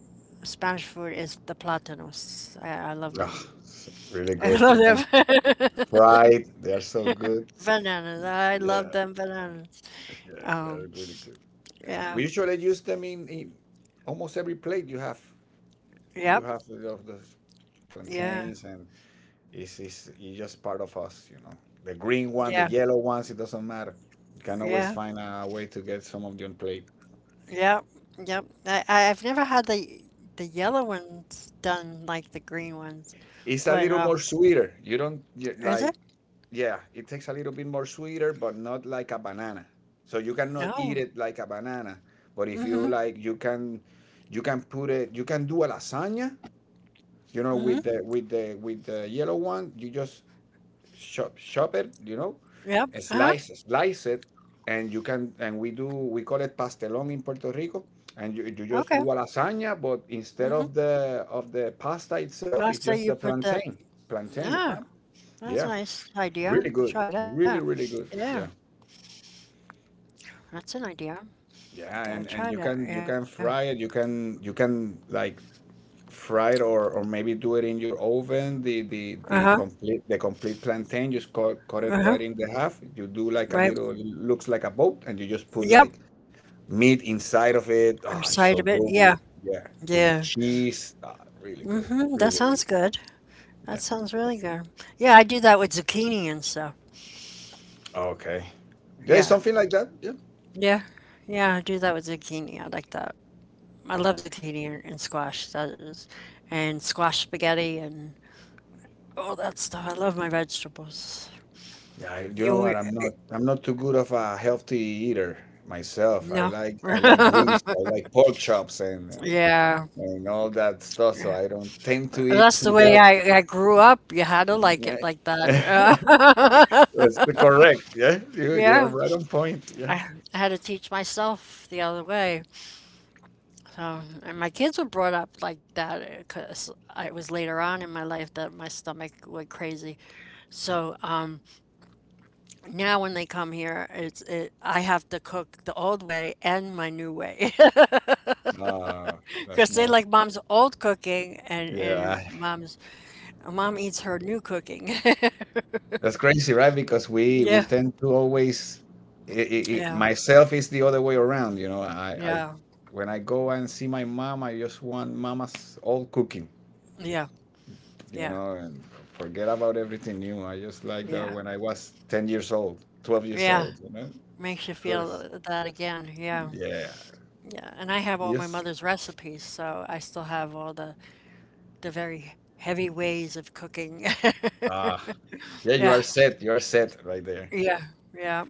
Speaker 1: Spanish food is the plátanos. I love
Speaker 2: ugh,
Speaker 1: them.
Speaker 2: it's really
Speaker 1: I
Speaker 2: good. You
Speaker 1: love
Speaker 2: can
Speaker 1: them.
Speaker 2: fried. They are so good.
Speaker 1: Bananas. I
Speaker 2: Yeah,
Speaker 1: love them bananas.
Speaker 2: yeah, they're
Speaker 1: Um,
Speaker 2: really good.
Speaker 1: yeah.
Speaker 2: We usually use them in almost every plate. You
Speaker 1: Yep.
Speaker 2: have you know, the
Speaker 1: Yeah,
Speaker 2: plantains and it's, it's just part of us, you know. The green one, the
Speaker 1: yeah,
Speaker 2: yellow ones, it doesn't matter. You can always
Speaker 1: yeah,
Speaker 2: find a way to get some of your plate.
Speaker 1: yep, yep. I've never had the yellow ones done like the green ones,
Speaker 2: It's a
Speaker 1: but
Speaker 2: little more sweeter. You don't you,
Speaker 1: is
Speaker 2: like,
Speaker 1: it?
Speaker 2: yeah, it takes a little bit more sweeter, but not like a banana. So you cannot
Speaker 1: Oh,
Speaker 2: eat it like a banana. But if you
Speaker 1: mm-hmm,
Speaker 2: like, you can put it. You can do a lasagna. You know,
Speaker 1: mm-hmm.
Speaker 2: with the yellow one, you just chop it, you know,
Speaker 1: Yep. Uh-huh.
Speaker 2: slice it, and you can and we call it pastelón in Puerto Rico, and you just
Speaker 1: Okay.
Speaker 2: do a lasagna, but instead
Speaker 1: Mm-hmm.
Speaker 2: of the pasta itself, it's
Speaker 1: Pasta,
Speaker 2: just the
Speaker 1: you put that.
Speaker 2: plantain, plantain,
Speaker 1: Ah,
Speaker 2: pam.
Speaker 1: that's a
Speaker 2: Yeah,
Speaker 1: nice idea.
Speaker 2: really
Speaker 1: I'll
Speaker 2: good,
Speaker 1: try that.
Speaker 2: really good.
Speaker 1: Yeah,
Speaker 2: Yeah,
Speaker 1: that's an idea.
Speaker 2: yeah,
Speaker 1: Gotta try
Speaker 2: and you
Speaker 1: that.
Speaker 2: can
Speaker 1: Yeah.
Speaker 2: fry it, you can like fried or maybe do it in your oven the
Speaker 1: Uh-huh.
Speaker 2: complete plantain just cut, cut it
Speaker 1: Uh-huh.
Speaker 2: right in the half you do like a
Speaker 1: Right.
Speaker 2: little looks like a boat and you just put
Speaker 1: Yep.
Speaker 2: like meat inside of it
Speaker 1: Or
Speaker 2: oh it's
Speaker 1: side of
Speaker 2: so
Speaker 1: it.
Speaker 2: good
Speaker 1: Yeah.
Speaker 2: with, yeah with
Speaker 1: Yeah.
Speaker 2: cheese ah, really good
Speaker 1: Mm-hmm. That
Speaker 2: really really
Speaker 1: sounds good. That
Speaker 2: yeah
Speaker 1: sounds really good. Yeah, I do that with zucchini and stuff.
Speaker 2: okay yeah
Speaker 1: Yeah.
Speaker 2: something like that yeah
Speaker 1: Yeah. Yeah, I do that with zucchini. I like that. I love zucchini and squash. That is, and squash spaghetti and all that stuff. I love my vegetables.
Speaker 2: yeah you know
Speaker 1: You
Speaker 2: what I'm not too good of a healthy eater myself
Speaker 1: no.
Speaker 2: I like grease I like pork chops
Speaker 1: Yeah,
Speaker 2: and all that stuff. So I don't tend to eat
Speaker 1: that's the
Speaker 2: too
Speaker 1: way
Speaker 2: healthy.
Speaker 1: I grew up. You had to like it
Speaker 2: Yeah.
Speaker 1: like that.
Speaker 2: that's the correct. Yeah, you're
Speaker 1: Yeah,
Speaker 2: right on point. Yeah.
Speaker 1: I, I had to teach myself the other way. So, and my kids were brought up like that because it was later on in my life that my stomach went crazy. So, now when they come here, I have to cook the old way and my new way
Speaker 2: Uh, that's
Speaker 1: because they
Speaker 2: not.
Speaker 1: like mom's old cooking and
Speaker 2: Yeah,
Speaker 1: mom's mom eats her new cooking.
Speaker 2: that's crazy, right? Because we
Speaker 1: Yeah,
Speaker 2: tend to always. I
Speaker 1: yeah,
Speaker 2: myself is the other way around. You know, I
Speaker 1: yeah,
Speaker 2: when I go and see my mom, I just want mama's old cooking.
Speaker 1: yeah,
Speaker 2: You
Speaker 1: yeah,
Speaker 2: know, and forget about everything new. I just like that
Speaker 1: yeah,
Speaker 2: when I was 10 years old, 12 years
Speaker 1: yeah.
Speaker 2: old. You know,
Speaker 1: Makes you
Speaker 2: 'cause-
Speaker 1: feel that again. Yeah,
Speaker 2: yeah,
Speaker 1: yeah. And I have all my
Speaker 2: yes.
Speaker 1: mother's recipes, so I still have all the very heavy ways of cooking.
Speaker 2: Ah, yeah, you are
Speaker 1: Yeah,
Speaker 2: set. You are set right there.
Speaker 1: yeah, yeah,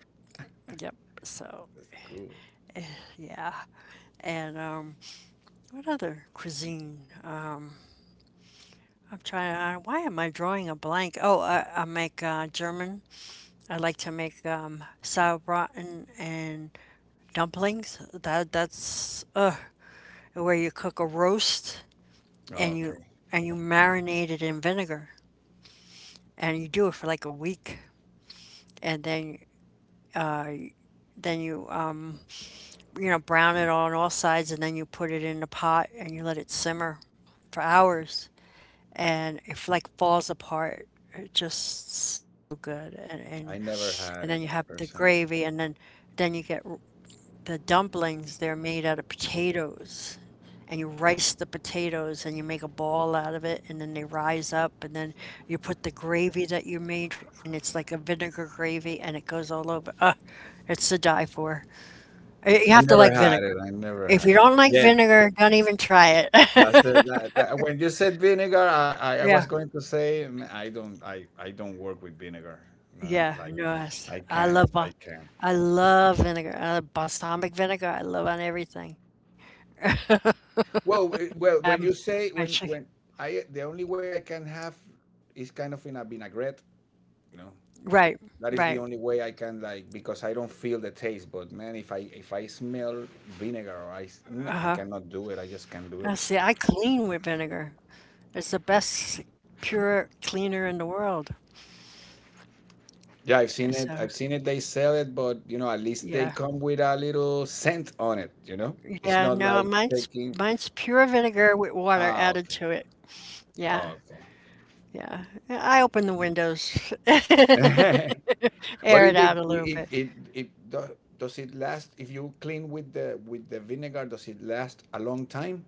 Speaker 1: yep. So
Speaker 2: That's cool.
Speaker 1: yeah, and what other cuisine? I'm trying. Why am I drawing a blank? Oh, I make German. I like to make sauerbraten and dumplings. That's where you cook a roast and you
Speaker 2: Okay.
Speaker 1: and you marinate it in vinegar and you do it for like a week, and uh, then you you know, brown it on all sides, and then you put it in the pot and you let it simmer for hours, and if like falls apart, it's just so good. And
Speaker 2: I
Speaker 1: and
Speaker 2: never had
Speaker 1: and
Speaker 2: it
Speaker 1: then you have the
Speaker 2: personally.
Speaker 1: gravy, and then you get the dumplings. They're made out of potatoes, and you rice the potatoes, and you make a ball out of it, and then they rise up, and then you put the gravy that you made, and it's like a vinegar gravy, and it goes all over. Ah, it's to die for. You
Speaker 2: I
Speaker 1: have to
Speaker 2: never
Speaker 1: like
Speaker 2: had it.
Speaker 1: vinegar.
Speaker 2: I never
Speaker 1: If
Speaker 2: had
Speaker 1: you
Speaker 2: it.
Speaker 1: don't like
Speaker 2: Yeah,
Speaker 1: vinegar, don't even try
Speaker 2: that's
Speaker 1: it.
Speaker 2: when you said vinegar, I was
Speaker 1: Yeah.
Speaker 2: going to say mm, I don't work with vinegar. No,
Speaker 1: Yeah,
Speaker 2: like
Speaker 1: no,
Speaker 2: I
Speaker 1: I love
Speaker 2: can't. I can't.
Speaker 1: I love vinegar. I love balsamic vinegar. I love on everything.
Speaker 2: Well, eh,
Speaker 1: Like
Speaker 2: well, when
Speaker 1: I'm
Speaker 2: you say
Speaker 1: my chick.
Speaker 2: when I the only way I can have is kind of in a vinaigrette, you know.
Speaker 1: Right,
Speaker 2: That is the
Speaker 1: right.
Speaker 2: only way I can like because I don't feel the taste. But man, if I smell vinegar, or mm, I
Speaker 1: Uh-huh.
Speaker 2: cannot do it. I just can't do it.
Speaker 1: I see. I clean with vinegar. It's the best pure cleaner in the world.
Speaker 2: Yeah, I've seen it.
Speaker 1: So,
Speaker 2: I've seen it. They sell it, but you know, at least they
Speaker 1: yeah.
Speaker 2: come with a little scent on it. You know, it's
Speaker 1: Yeah,
Speaker 2: not
Speaker 1: no,
Speaker 2: like
Speaker 1: mine's
Speaker 2: taking.
Speaker 1: mine's pure vinegar with water
Speaker 2: Ah,
Speaker 1: added to it. Yeah.
Speaker 2: oh,
Speaker 1: Yeah. I open the windows.
Speaker 2: okay. but
Speaker 1: Air it out a little bit.
Speaker 2: it do, does it last if you clean with the vinegar? Does it last a long time,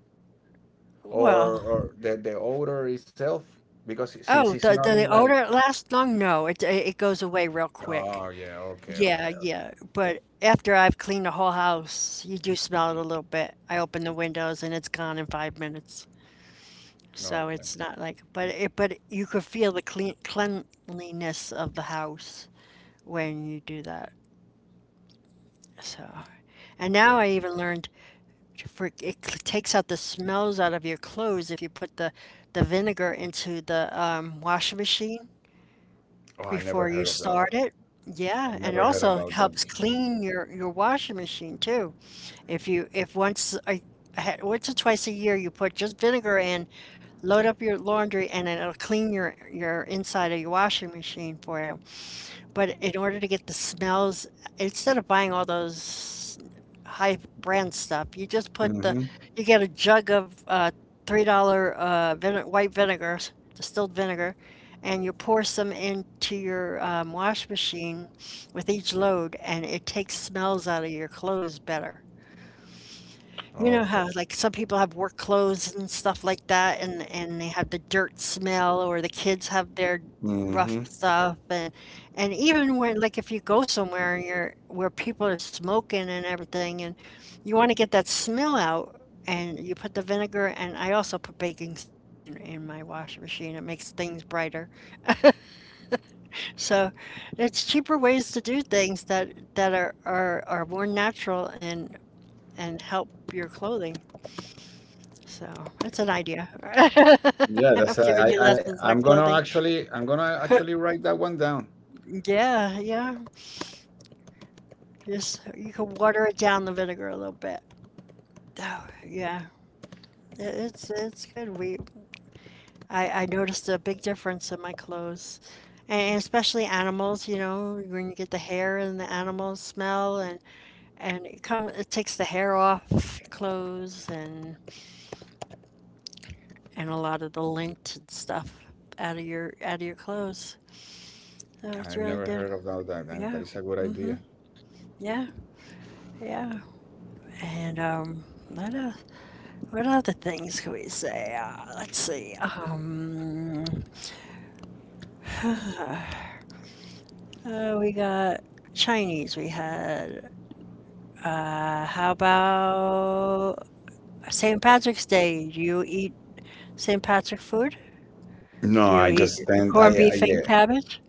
Speaker 1: Well,
Speaker 2: or the odor itself? Because since
Speaker 1: oh,
Speaker 2: it's
Speaker 1: the
Speaker 2: not
Speaker 1: the
Speaker 2: in
Speaker 1: the
Speaker 2: like
Speaker 1: odor last long? No, it goes away real quick.
Speaker 2: oh yeah, okay,
Speaker 1: Yeah,
Speaker 2: okay,
Speaker 1: yeah. But after I've cleaned the whole house, you do smell it a little bit. I open the windows and it's gone in 5 minutes.
Speaker 2: no,
Speaker 1: So
Speaker 2: okay.
Speaker 1: it's not like, but it but you could feel the clean cleanliness of the house when you do that. So, and now
Speaker 2: Yeah.
Speaker 1: I even learned to for it takes out the smells out of your clothes if you put the vinegar into the washing machine.
Speaker 2: Oh, I never
Speaker 1: Before you
Speaker 2: heard of that.
Speaker 1: start
Speaker 2: One.
Speaker 1: it.
Speaker 2: I
Speaker 1: Yeah, and it
Speaker 2: never heard
Speaker 1: also
Speaker 2: about that
Speaker 1: helps
Speaker 2: before.
Speaker 1: clean your washing machine too. If you if once I had once or twice a year you put just vinegar in, load up your laundry and then it'll clean your inside of your washing machine for you. But in order to get the smells, instead of buying all those high brand stuff, you just put
Speaker 2: Mm-hmm.
Speaker 1: the, you get a jug of $3 vine white vinegar, distilled vinegar, and you pour some into your wash machine with each load, and it takes smells out of your clothes better. You know
Speaker 2: Okay.
Speaker 1: how like some people have work clothes and stuff like that and they have the dirt smell or the kids have their rough
Speaker 2: Mm-hmm.
Speaker 1: stuff and even when like if you go somewhere and you're where people are smoking and everything and you want to get that smell out and you put the vinegar and I also put baking soda in my washing machine. It makes things brighter. So it's cheaper ways to do things that that are more natural and help your clothing. So, it's an idea.
Speaker 2: Yeah, that's
Speaker 1: I've given you lessons
Speaker 2: I'm
Speaker 1: on
Speaker 2: gonna
Speaker 1: clothing.
Speaker 2: actually. I'm gonna actually write that one down.
Speaker 1: Yeah, yeah. Just you can water it down the vinegar a little bit. Oh, yeah. It's good. We I noticed a big difference in my clothes. And especially animals, you know, when you get the hair and the animal smell and it come it takes the hair off your clothes and a lot of the lint and stuff out of your clothes. So
Speaker 2: I
Speaker 1: it's really
Speaker 2: never heard
Speaker 1: did.
Speaker 2: of that. That
Speaker 1: Yeah.
Speaker 2: is a good idea.
Speaker 1: Yeah. Yeah, and, what else what other things can we say? Let's see, um, we got Chinese, we had, how about St. Patrick's Day? Do you eat St. Patrick food?
Speaker 2: No,
Speaker 1: Do
Speaker 2: I
Speaker 1: you
Speaker 2: just
Speaker 1: eat the
Speaker 2: stand.
Speaker 1: corned
Speaker 2: I
Speaker 1: beef
Speaker 2: yeah.
Speaker 1: and cabbage?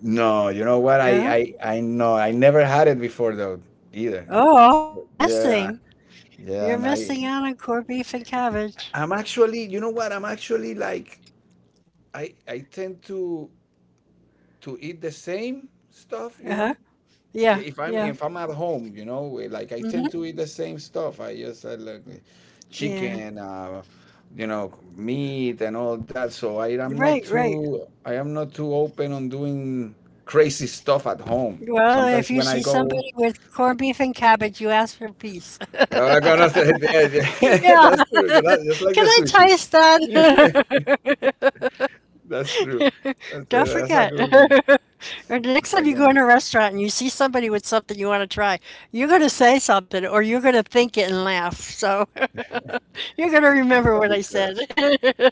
Speaker 2: No, you know what?
Speaker 1: Yeah.
Speaker 2: I know. I never had it before though either.
Speaker 1: Oh, you're
Speaker 2: But yeah,
Speaker 1: missing.
Speaker 2: yeah,
Speaker 1: You're
Speaker 2: and
Speaker 1: missing
Speaker 2: I
Speaker 1: out on corned beef and cabbage.
Speaker 2: I'm actually. You know what? I'm actually like I tend to eat the same stuff, you
Speaker 1: Uh-huh.
Speaker 2: know.
Speaker 1: Yeah,
Speaker 2: If
Speaker 1: yeah.
Speaker 2: I'm at home, you know, like I
Speaker 1: Mm-hmm.
Speaker 2: tend to eat the same stuff. I just I like the
Speaker 1: Yeah.
Speaker 2: chicken, you know, meat and all that. So
Speaker 1: Right, right.
Speaker 2: I am not too open on doing crazy stuff at home.
Speaker 1: Well, if
Speaker 2: Sometimes
Speaker 1: you
Speaker 2: when I
Speaker 1: see
Speaker 2: go,
Speaker 1: somebody with corned beef and cabbage, you ask for a piece.
Speaker 2: I'm gonna say yeah, yeah.
Speaker 1: Yeah,
Speaker 2: that's true. Just like the
Speaker 1: can I
Speaker 2: sushi.
Speaker 1: taste that?
Speaker 2: That's true. That's,
Speaker 1: Don't
Speaker 2: uh, that's a
Speaker 1: forget.
Speaker 2: good one.
Speaker 1: Or the next
Speaker 2: That's a
Speaker 1: time
Speaker 2: good
Speaker 1: you go
Speaker 2: one.
Speaker 1: in a restaurant and you see somebody with something you want to try, you're going to say something or you're going to think it and laugh. So you're going to remember what I said.
Speaker 2: Because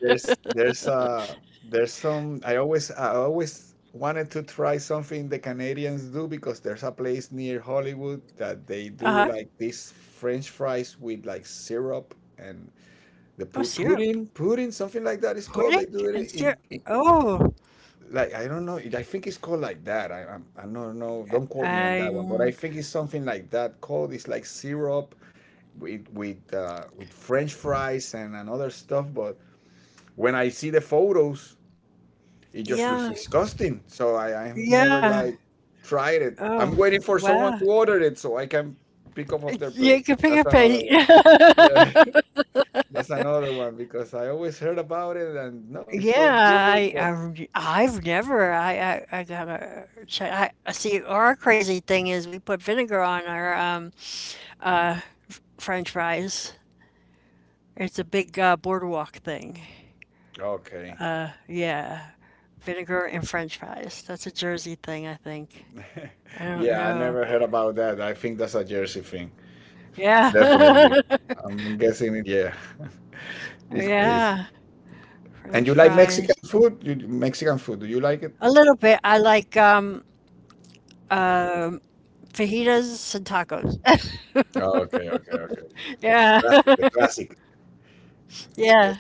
Speaker 2: There's there's uh there's some I always wanted to try something the Canadians do because there's a place near Hollywood that they do
Speaker 1: Uh-huh.
Speaker 2: like these French fries with like syrup and the
Speaker 1: Oh,
Speaker 2: pu-
Speaker 1: syrup.
Speaker 2: pudding pudding something like that is called
Speaker 1: Pudding
Speaker 2: they do
Speaker 1: and
Speaker 2: it
Speaker 1: syrup.
Speaker 2: in
Speaker 1: Oh,
Speaker 2: like I don't know I think it's called like that I don't know don't quote me on that one but I
Speaker 1: um,
Speaker 2: think it's something like that called it's like syrup with with French fries and another stuff but when I see the photos it just looks
Speaker 1: yeah,
Speaker 2: disgusting. So I've never
Speaker 1: yeah.
Speaker 2: like tried it. I'm
Speaker 1: Oh,
Speaker 2: waiting for someone
Speaker 1: wow.
Speaker 2: to order it so I can pick up off their
Speaker 1: Yeah, you
Speaker 2: plate.
Speaker 1: can pick
Speaker 2: That's
Speaker 1: up
Speaker 2: another
Speaker 1: a
Speaker 2: one. Yeah, that's another one because I always heard about it and no, it's so
Speaker 1: yeah.
Speaker 2: good, but
Speaker 1: I've never I got to check. I see. Our crazy thing is we put vinegar on our French fries. It's a big boardwalk thing.
Speaker 2: okay.
Speaker 1: Yeah, vinegar and French fries. That's a Jersey thing, I think. I don't
Speaker 2: yeah, I
Speaker 1: know.
Speaker 2: never heard about that. I think that's a Jersey thing.
Speaker 1: Yeah,
Speaker 2: Definitely. I'm guessing it. Yeah, it's crazy.
Speaker 1: yeah.
Speaker 2: And
Speaker 1: French
Speaker 2: you like Mexican
Speaker 1: fries.
Speaker 2: food? You Mexican food? Do you like it?
Speaker 1: A little bit. I like um fajitas and tacos.
Speaker 2: Oh, okay, okay, okay.
Speaker 1: Yeah,
Speaker 2: Classic, the classic. Yes.
Speaker 1: yeah.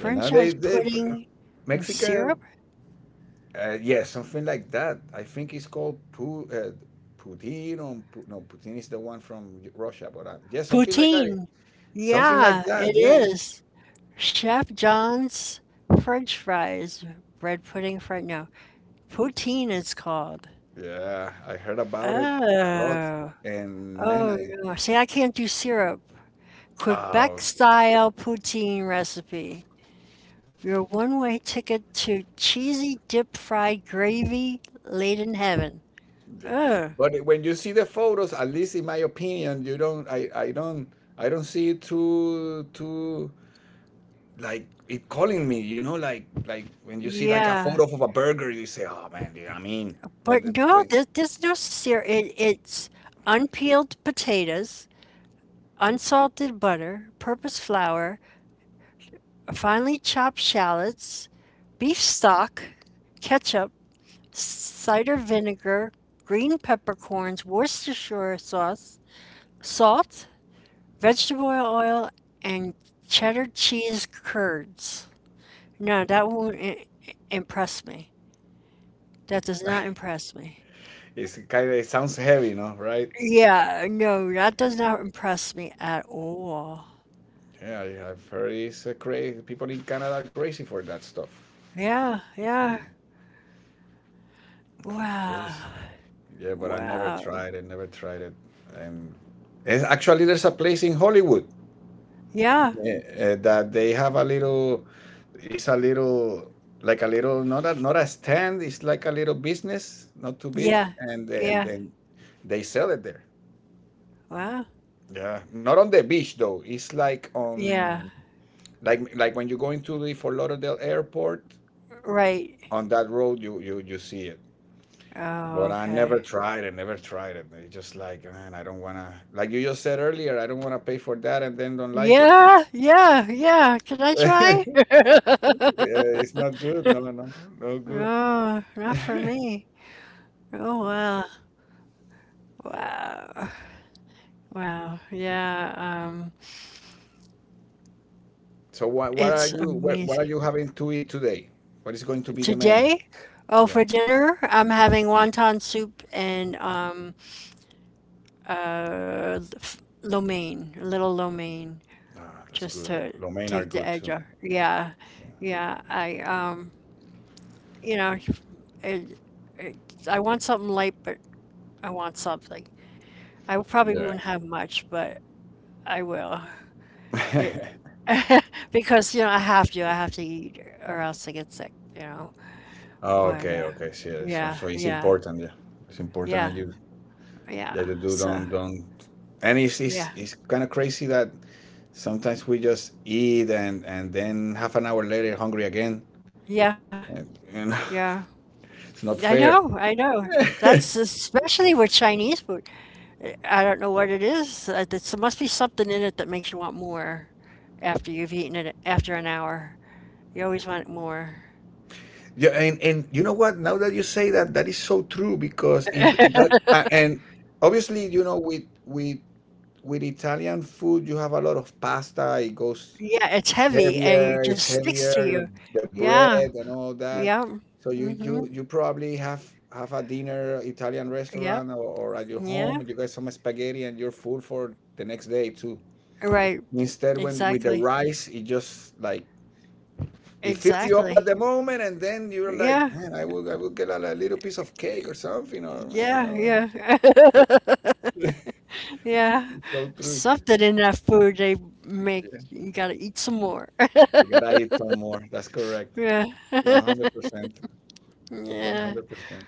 Speaker 2: Yeah, now they
Speaker 1: pudding and
Speaker 2: Mexican,
Speaker 1: syrup?
Speaker 2: yeah, something like that. I think it's called pu Putin or pu no, Putin is the one from Russia, but yeah, something like that.
Speaker 1: Poutine.
Speaker 2: Something like
Speaker 1: Yeah,
Speaker 2: that.
Speaker 1: it
Speaker 2: Yeah, yeah.
Speaker 1: is. Chef John's French fries, bread pudding, French, no, poutine it's called.
Speaker 2: Yeah, I heard about it a lot,
Speaker 1: Oh,
Speaker 2: and man,
Speaker 1: oh
Speaker 2: I
Speaker 1: no. See, I can't do syrup. Quebec
Speaker 2: oh,
Speaker 1: style poutine recipe. Your one-way ticket to cheesy dip fried gravy laid in heaven.
Speaker 2: yeah.
Speaker 1: Oh,
Speaker 2: But when you see the photos, at least in my opinion, you don't. I don't. I don't see it too like it calling me. You know, like when you see like a
Speaker 1: yeah.
Speaker 2: photo of a burger, you say, oh man, yeah, I mean. But
Speaker 1: But
Speaker 2: it-
Speaker 1: no,
Speaker 2: when
Speaker 1: there, there's no sear. It, it's unpeeled potatoes, unsalted butter, purpose flour, finely chopped shallots, beef stock, ketchup, cider vinegar, green peppercorns, Worcestershire sauce, salt, vegetable oil, and cheddar cheese curds. No, that won't I- impress me. That does not impress me.
Speaker 2: It's kind of it sounds heavy, no? Right?
Speaker 1: Yeah, no, that does not impress me at all.
Speaker 2: Yeah, I've heard it's crazy. People in Canada are crazy for that stuff.
Speaker 1: Yeah, yeah. Wow.
Speaker 2: Crazy. Yeah, but I never
Speaker 1: Wow.
Speaker 2: tried it. And and actually, there's a place in Hollywood
Speaker 1: Yeah,
Speaker 2: that they have a little. It's a little like a little not a stand. It's like a little business, not too big,
Speaker 1: yeah,
Speaker 2: and
Speaker 1: yeah.
Speaker 2: then they sell it there.
Speaker 1: Wow.
Speaker 2: Yeah, not on the beach though. It's like on
Speaker 1: Yeah,
Speaker 2: like when you go into the Fort Lauderdale airport
Speaker 1: right.
Speaker 2: on that road you see it
Speaker 1: Oh,
Speaker 2: but I
Speaker 1: okay.
Speaker 2: never tried it. It's just like, man, I don't want to, like you just said earlier, I don't want to pay for that and then don't like it.
Speaker 1: Yeah, yeah, yeah. Can I try?
Speaker 2: Yeah, it's not good. No, no, no good.
Speaker 1: Oh, not for me. Oh, wow.
Speaker 2: Yeah,
Speaker 1: Wow. Wow. Yeah,
Speaker 2: so what what are
Speaker 1: it's
Speaker 2: you what, what are
Speaker 1: amazing.
Speaker 2: you having to eat today? What is going to be the menu?
Speaker 1: Today, oh,
Speaker 2: Yeah,
Speaker 1: for dinner, I'm having wonton soup and lo mein, a little lo mein,
Speaker 2: ah, that's
Speaker 1: just
Speaker 2: good.
Speaker 1: to
Speaker 2: Lo mein are
Speaker 1: take the
Speaker 2: good
Speaker 1: edge
Speaker 2: too.
Speaker 1: off. Yeah, yeah. I you know, it, it, I want something light, but I want something. Like, I probably
Speaker 2: Yeah.
Speaker 1: won't have much, but I will. It because you know I have to. I have to eat, or else I get sick. You know. But
Speaker 2: okay okay see, so,
Speaker 1: yeah,
Speaker 2: so it's
Speaker 1: yeah,
Speaker 2: important, yeah, it's important that
Speaker 1: yeah,
Speaker 2: you. Yeah,
Speaker 1: yeah.
Speaker 2: you do,
Speaker 1: So
Speaker 2: don't, and it's it's,
Speaker 1: yeah,
Speaker 2: it's kind of crazy that sometimes we just eat and then half an hour later hungry again,
Speaker 1: yeah,
Speaker 2: and, and,
Speaker 1: yeah.
Speaker 2: it's not
Speaker 1: I
Speaker 2: fair.
Speaker 1: know, I know. That's especially with Chinese food. I don't know what it is. There must be something in it that makes you want more after you've eaten it after an hour. You always want more.
Speaker 2: Yeah, and you know what? Now that you say that, that is so true because it that and obviously, you know, with with Italian food you have a lot of pasta. It goes
Speaker 1: Yeah, it's heavy and it
Speaker 2: heavier. It's
Speaker 1: just sticks to
Speaker 2: heavier
Speaker 1: you.
Speaker 2: The bread
Speaker 1: Yeah,
Speaker 2: and all that,
Speaker 1: yeah,
Speaker 2: so you
Speaker 1: hmm
Speaker 2: you you probably have a dinner Italian
Speaker 1: yeah,
Speaker 2: restaurant, or at your
Speaker 1: yeah.
Speaker 2: home you get some spaghetti and you're full for the next day too.
Speaker 1: Right,
Speaker 2: Instead, when with the
Speaker 1: exactly,
Speaker 2: rice, it just like, it fills you up at the
Speaker 1: exactly.
Speaker 2: moment and then you're like,
Speaker 1: Yeah,
Speaker 2: man, I will get a, li- little piece of cake or something, or man,
Speaker 1: yeah,
Speaker 2: or
Speaker 1: yeah, yeah.
Speaker 2: so true.
Speaker 1: Something in that food they make
Speaker 2: Yeah,
Speaker 1: you gotta eat some more.
Speaker 2: you gotta eat some more, that's correct.
Speaker 1: Yeah,
Speaker 2: 100%
Speaker 1: yeah.
Speaker 2: 100%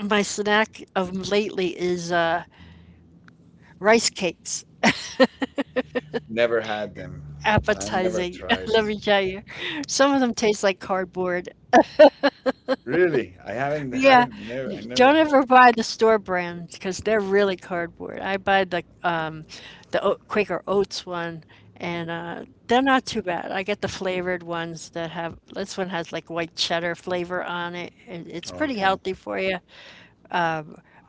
Speaker 1: My snack of lately is rice cakes.
Speaker 2: Never had them. I never
Speaker 1: Appetizing,
Speaker 2: tried
Speaker 1: let me
Speaker 2: them.
Speaker 1: tell you. Some of them taste like cardboard.
Speaker 2: Really?
Speaker 1: Yeah,
Speaker 2: I never
Speaker 1: don't
Speaker 2: had.
Speaker 1: ever buy the store brand because they're really cardboard. I buy the Quaker Oats one, and they're not too bad. I get the flavored ones that have this one has like white cheddar flavor on it. And it's pretty
Speaker 2: Okay.
Speaker 1: healthy for you,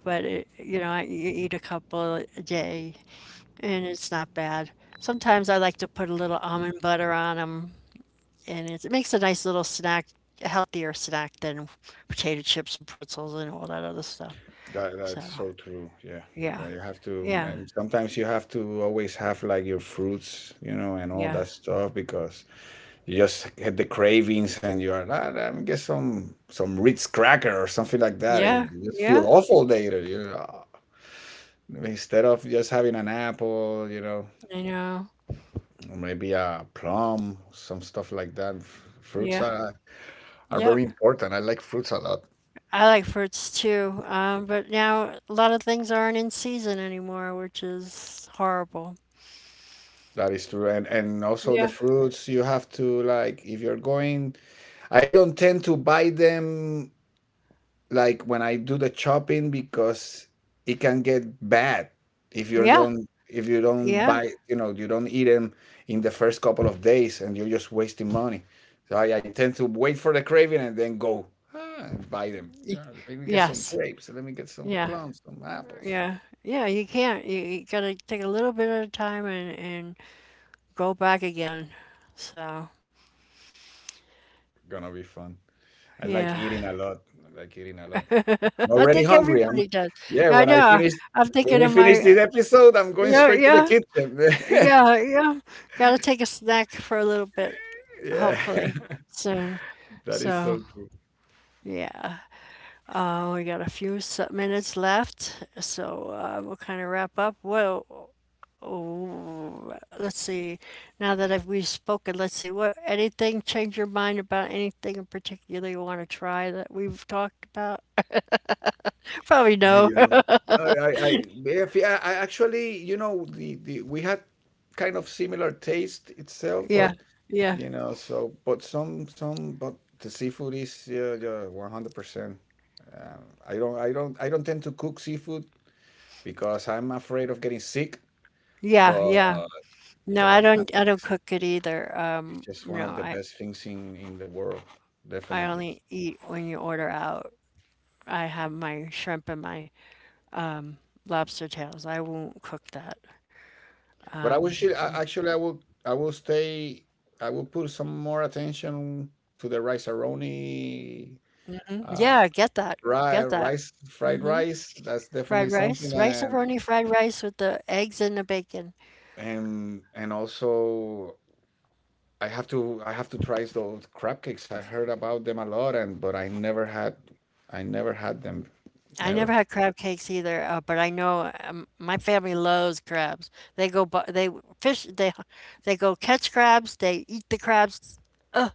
Speaker 1: but it, you know I, you eat a couple a day and it's not bad. Sometimes I like to put a little almond butter on them, and it's, it makes a nice little snack, a healthier snack than potato chips and pretzels and all that other stuff.
Speaker 2: That that's
Speaker 1: So,
Speaker 2: so true. Yeah. Yeah,
Speaker 1: yeah,
Speaker 2: you have to,
Speaker 1: yeah,
Speaker 2: and sometimes you have to always have like your fruits, you know, and all
Speaker 1: yeah,
Speaker 2: that stuff because you just get the cravings and you are, ah, let me get some Ritz cracker or something like that. It
Speaker 1: yeah,
Speaker 2: You just feel
Speaker 1: yeah.
Speaker 2: awful later, you know. Instead of just having an apple, you know,
Speaker 1: I know.
Speaker 2: or maybe a plum, some stuff like that. F- Fruits
Speaker 1: Yeah,
Speaker 2: are
Speaker 1: yeah.
Speaker 2: very important. I like fruits a lot.
Speaker 1: I like fruits too, but now a lot of things aren't in season anymore, which is horrible.
Speaker 2: That is true. And also the
Speaker 1: Yeah,
Speaker 2: fruits you have to, like, if you're going, I don't tend to buy them like when I do the chopping because it can get bad if you
Speaker 1: yeah,
Speaker 2: don't,
Speaker 1: yeah.
Speaker 2: buy, you know, you don't eat them in the first couple of days and you're just wasting money. So I tend to wait for the craving and then go, ah, and buy them.
Speaker 1: y-
Speaker 2: Yeah, let me get some
Speaker 1: Yes,
Speaker 2: grapes. Let me get some
Speaker 1: yeah.
Speaker 2: plums, some apples.
Speaker 1: Yeah. Yeah, you can't. You gotta take a little bit at a time and go back again. So,
Speaker 2: Gonna be fun. I like
Speaker 1: yeah.
Speaker 2: eating a lot. I like eating a lot. I'm
Speaker 1: I
Speaker 2: already
Speaker 1: think
Speaker 2: hungry. I'm,
Speaker 1: everybody does.
Speaker 2: yeah,
Speaker 1: I
Speaker 2: when I
Speaker 1: know.
Speaker 2: finish,
Speaker 1: I'm
Speaker 2: when
Speaker 1: thinking
Speaker 2: we
Speaker 1: of
Speaker 2: finish
Speaker 1: my,
Speaker 2: this episode, I'm going
Speaker 1: yeah,
Speaker 2: straight to the
Speaker 1: yeah,
Speaker 2: kitchen.
Speaker 1: yeah, yeah. Gotta take a snack for a little bit,
Speaker 2: Yeah.
Speaker 1: hopefully, soon.
Speaker 2: That is so
Speaker 1: So,
Speaker 2: true.
Speaker 1: yeah. We got a few minutes left, so we'll kind of wrap up. Well, oh, let's see, now that we've spoken, let's see, what, anything change your mind about anything in particular you want to try that we've talked about? Probably
Speaker 2: Man,
Speaker 1: no.
Speaker 2: you know. No, if- yeah, I actually, you know, the we had kind of similar taste itself,
Speaker 1: Yeah,
Speaker 2: but
Speaker 1: yeah,
Speaker 2: you know, so, but some but the seafood is, yeah, yeah, 100%. I don't tend to cook seafood because I'm afraid of getting sick.
Speaker 1: yeah,
Speaker 2: But
Speaker 1: yeah. No, I
Speaker 2: but I
Speaker 1: don't. I
Speaker 2: mean,
Speaker 1: don't cook it either.
Speaker 2: it's just one
Speaker 1: No,
Speaker 2: of the best things in the world,
Speaker 1: I
Speaker 2: definitely.
Speaker 1: only eat when you order out. I have my shrimp and my lobster tails. I won't cook that.
Speaker 2: But I wish it, I, actually, I will stay I will put some more attention to the rice aroni, uh,
Speaker 1: Yeah, get that.
Speaker 2: ri-
Speaker 1: Get that.
Speaker 2: rice fried rice. That's
Speaker 1: Fried
Speaker 2: definitely something.
Speaker 1: rice, rice-a-roni fried rice with the eggs and the bacon.
Speaker 2: And also I have to try those crab cakes. I heard about them a lot, and but I never had them.
Speaker 1: I never
Speaker 2: Never.
Speaker 1: had crab cakes either, but I know my family loves crabs. They go, they fish, they go catch crabs. They eat the crabs. Ugh,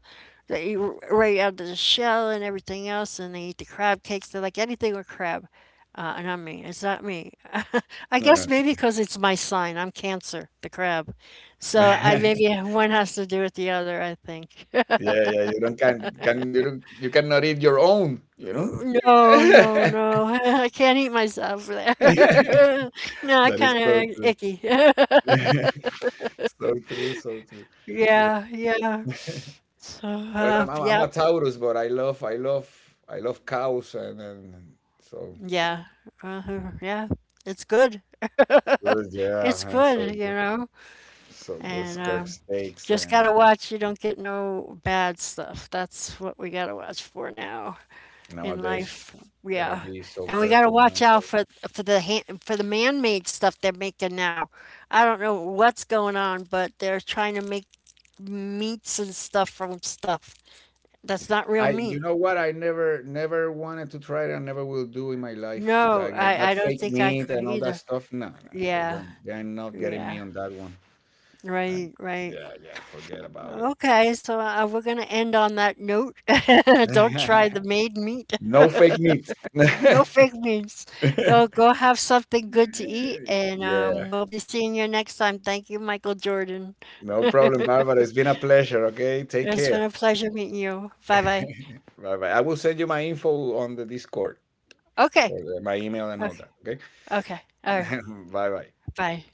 Speaker 1: they eat right out of the shell and everything else, and they eat the crab cakes. They like anything with crab. Not me. It's not me. I guess
Speaker 2: Yeah.
Speaker 1: maybe because it's my sign. I'm Cancer, the crab. So I maybe one has to do with the other. I think.
Speaker 2: Yeah, yeah, you don't, can you don't, you cannot eat your own, you know?
Speaker 1: No, no, no. I can't eat myself there. No, I
Speaker 2: That is so
Speaker 1: kind of
Speaker 2: true.
Speaker 1: icky.
Speaker 2: So true, so true.
Speaker 1: Yeah,
Speaker 2: Yeah.
Speaker 1: yeah. So,
Speaker 2: Well, I'm a
Speaker 1: yep,
Speaker 2: Taurus, but I love cows, and so
Speaker 1: yeah, yeah. It's good.
Speaker 2: good,
Speaker 1: It's
Speaker 2: yeah, and so
Speaker 1: good, you
Speaker 2: good,
Speaker 1: know.
Speaker 2: so good.
Speaker 1: And
Speaker 2: Kirk steaks
Speaker 1: just gotta
Speaker 2: and
Speaker 1: watch you don't get no bad stuff. That's what we gotta watch for now in
Speaker 2: nowadays,
Speaker 1: life.
Speaker 2: gotta
Speaker 1: Yeah,
Speaker 2: be so
Speaker 1: and we got to
Speaker 2: careful
Speaker 1: watch
Speaker 2: now.
Speaker 1: out for the for the man-made stuff they're making now. I don't know what's going on, but they're trying to make meats and stuff from stuff that's not
Speaker 2: I,
Speaker 1: real
Speaker 2: you
Speaker 1: meat.
Speaker 2: know what? I never wanted to try it and never will do in my life.
Speaker 1: No,
Speaker 2: Like that
Speaker 1: I don't
Speaker 2: fake
Speaker 1: think I
Speaker 2: meat
Speaker 1: could
Speaker 2: and all that
Speaker 1: either.
Speaker 2: stuff. No, no, they
Speaker 1: Yeah,
Speaker 2: don't. They're not getting me
Speaker 1: yeah.
Speaker 2: on that one. I,
Speaker 1: Right, right.
Speaker 2: yeah, yeah, forget about it.
Speaker 1: Okay, so we're going to end on that note. Don't try the made meat.
Speaker 2: No fake meat.
Speaker 1: No fake memes. Go go have something good to eat and
Speaker 2: Yeah,
Speaker 1: we'll be seeing you next time. Thank you, Michael Jordan.
Speaker 2: no problem, Barbara. It's been a pleasure. Okay, take
Speaker 1: It's been
Speaker 2: care.
Speaker 1: a pleasure meeting you. Bye bye.
Speaker 2: Bye bye. I will send you my info on the Discord
Speaker 1: Okay.
Speaker 2: for the, my email and all
Speaker 1: Okay.
Speaker 2: that. Okay.
Speaker 1: Okay. All right.
Speaker 2: Bye bye.
Speaker 1: Bye.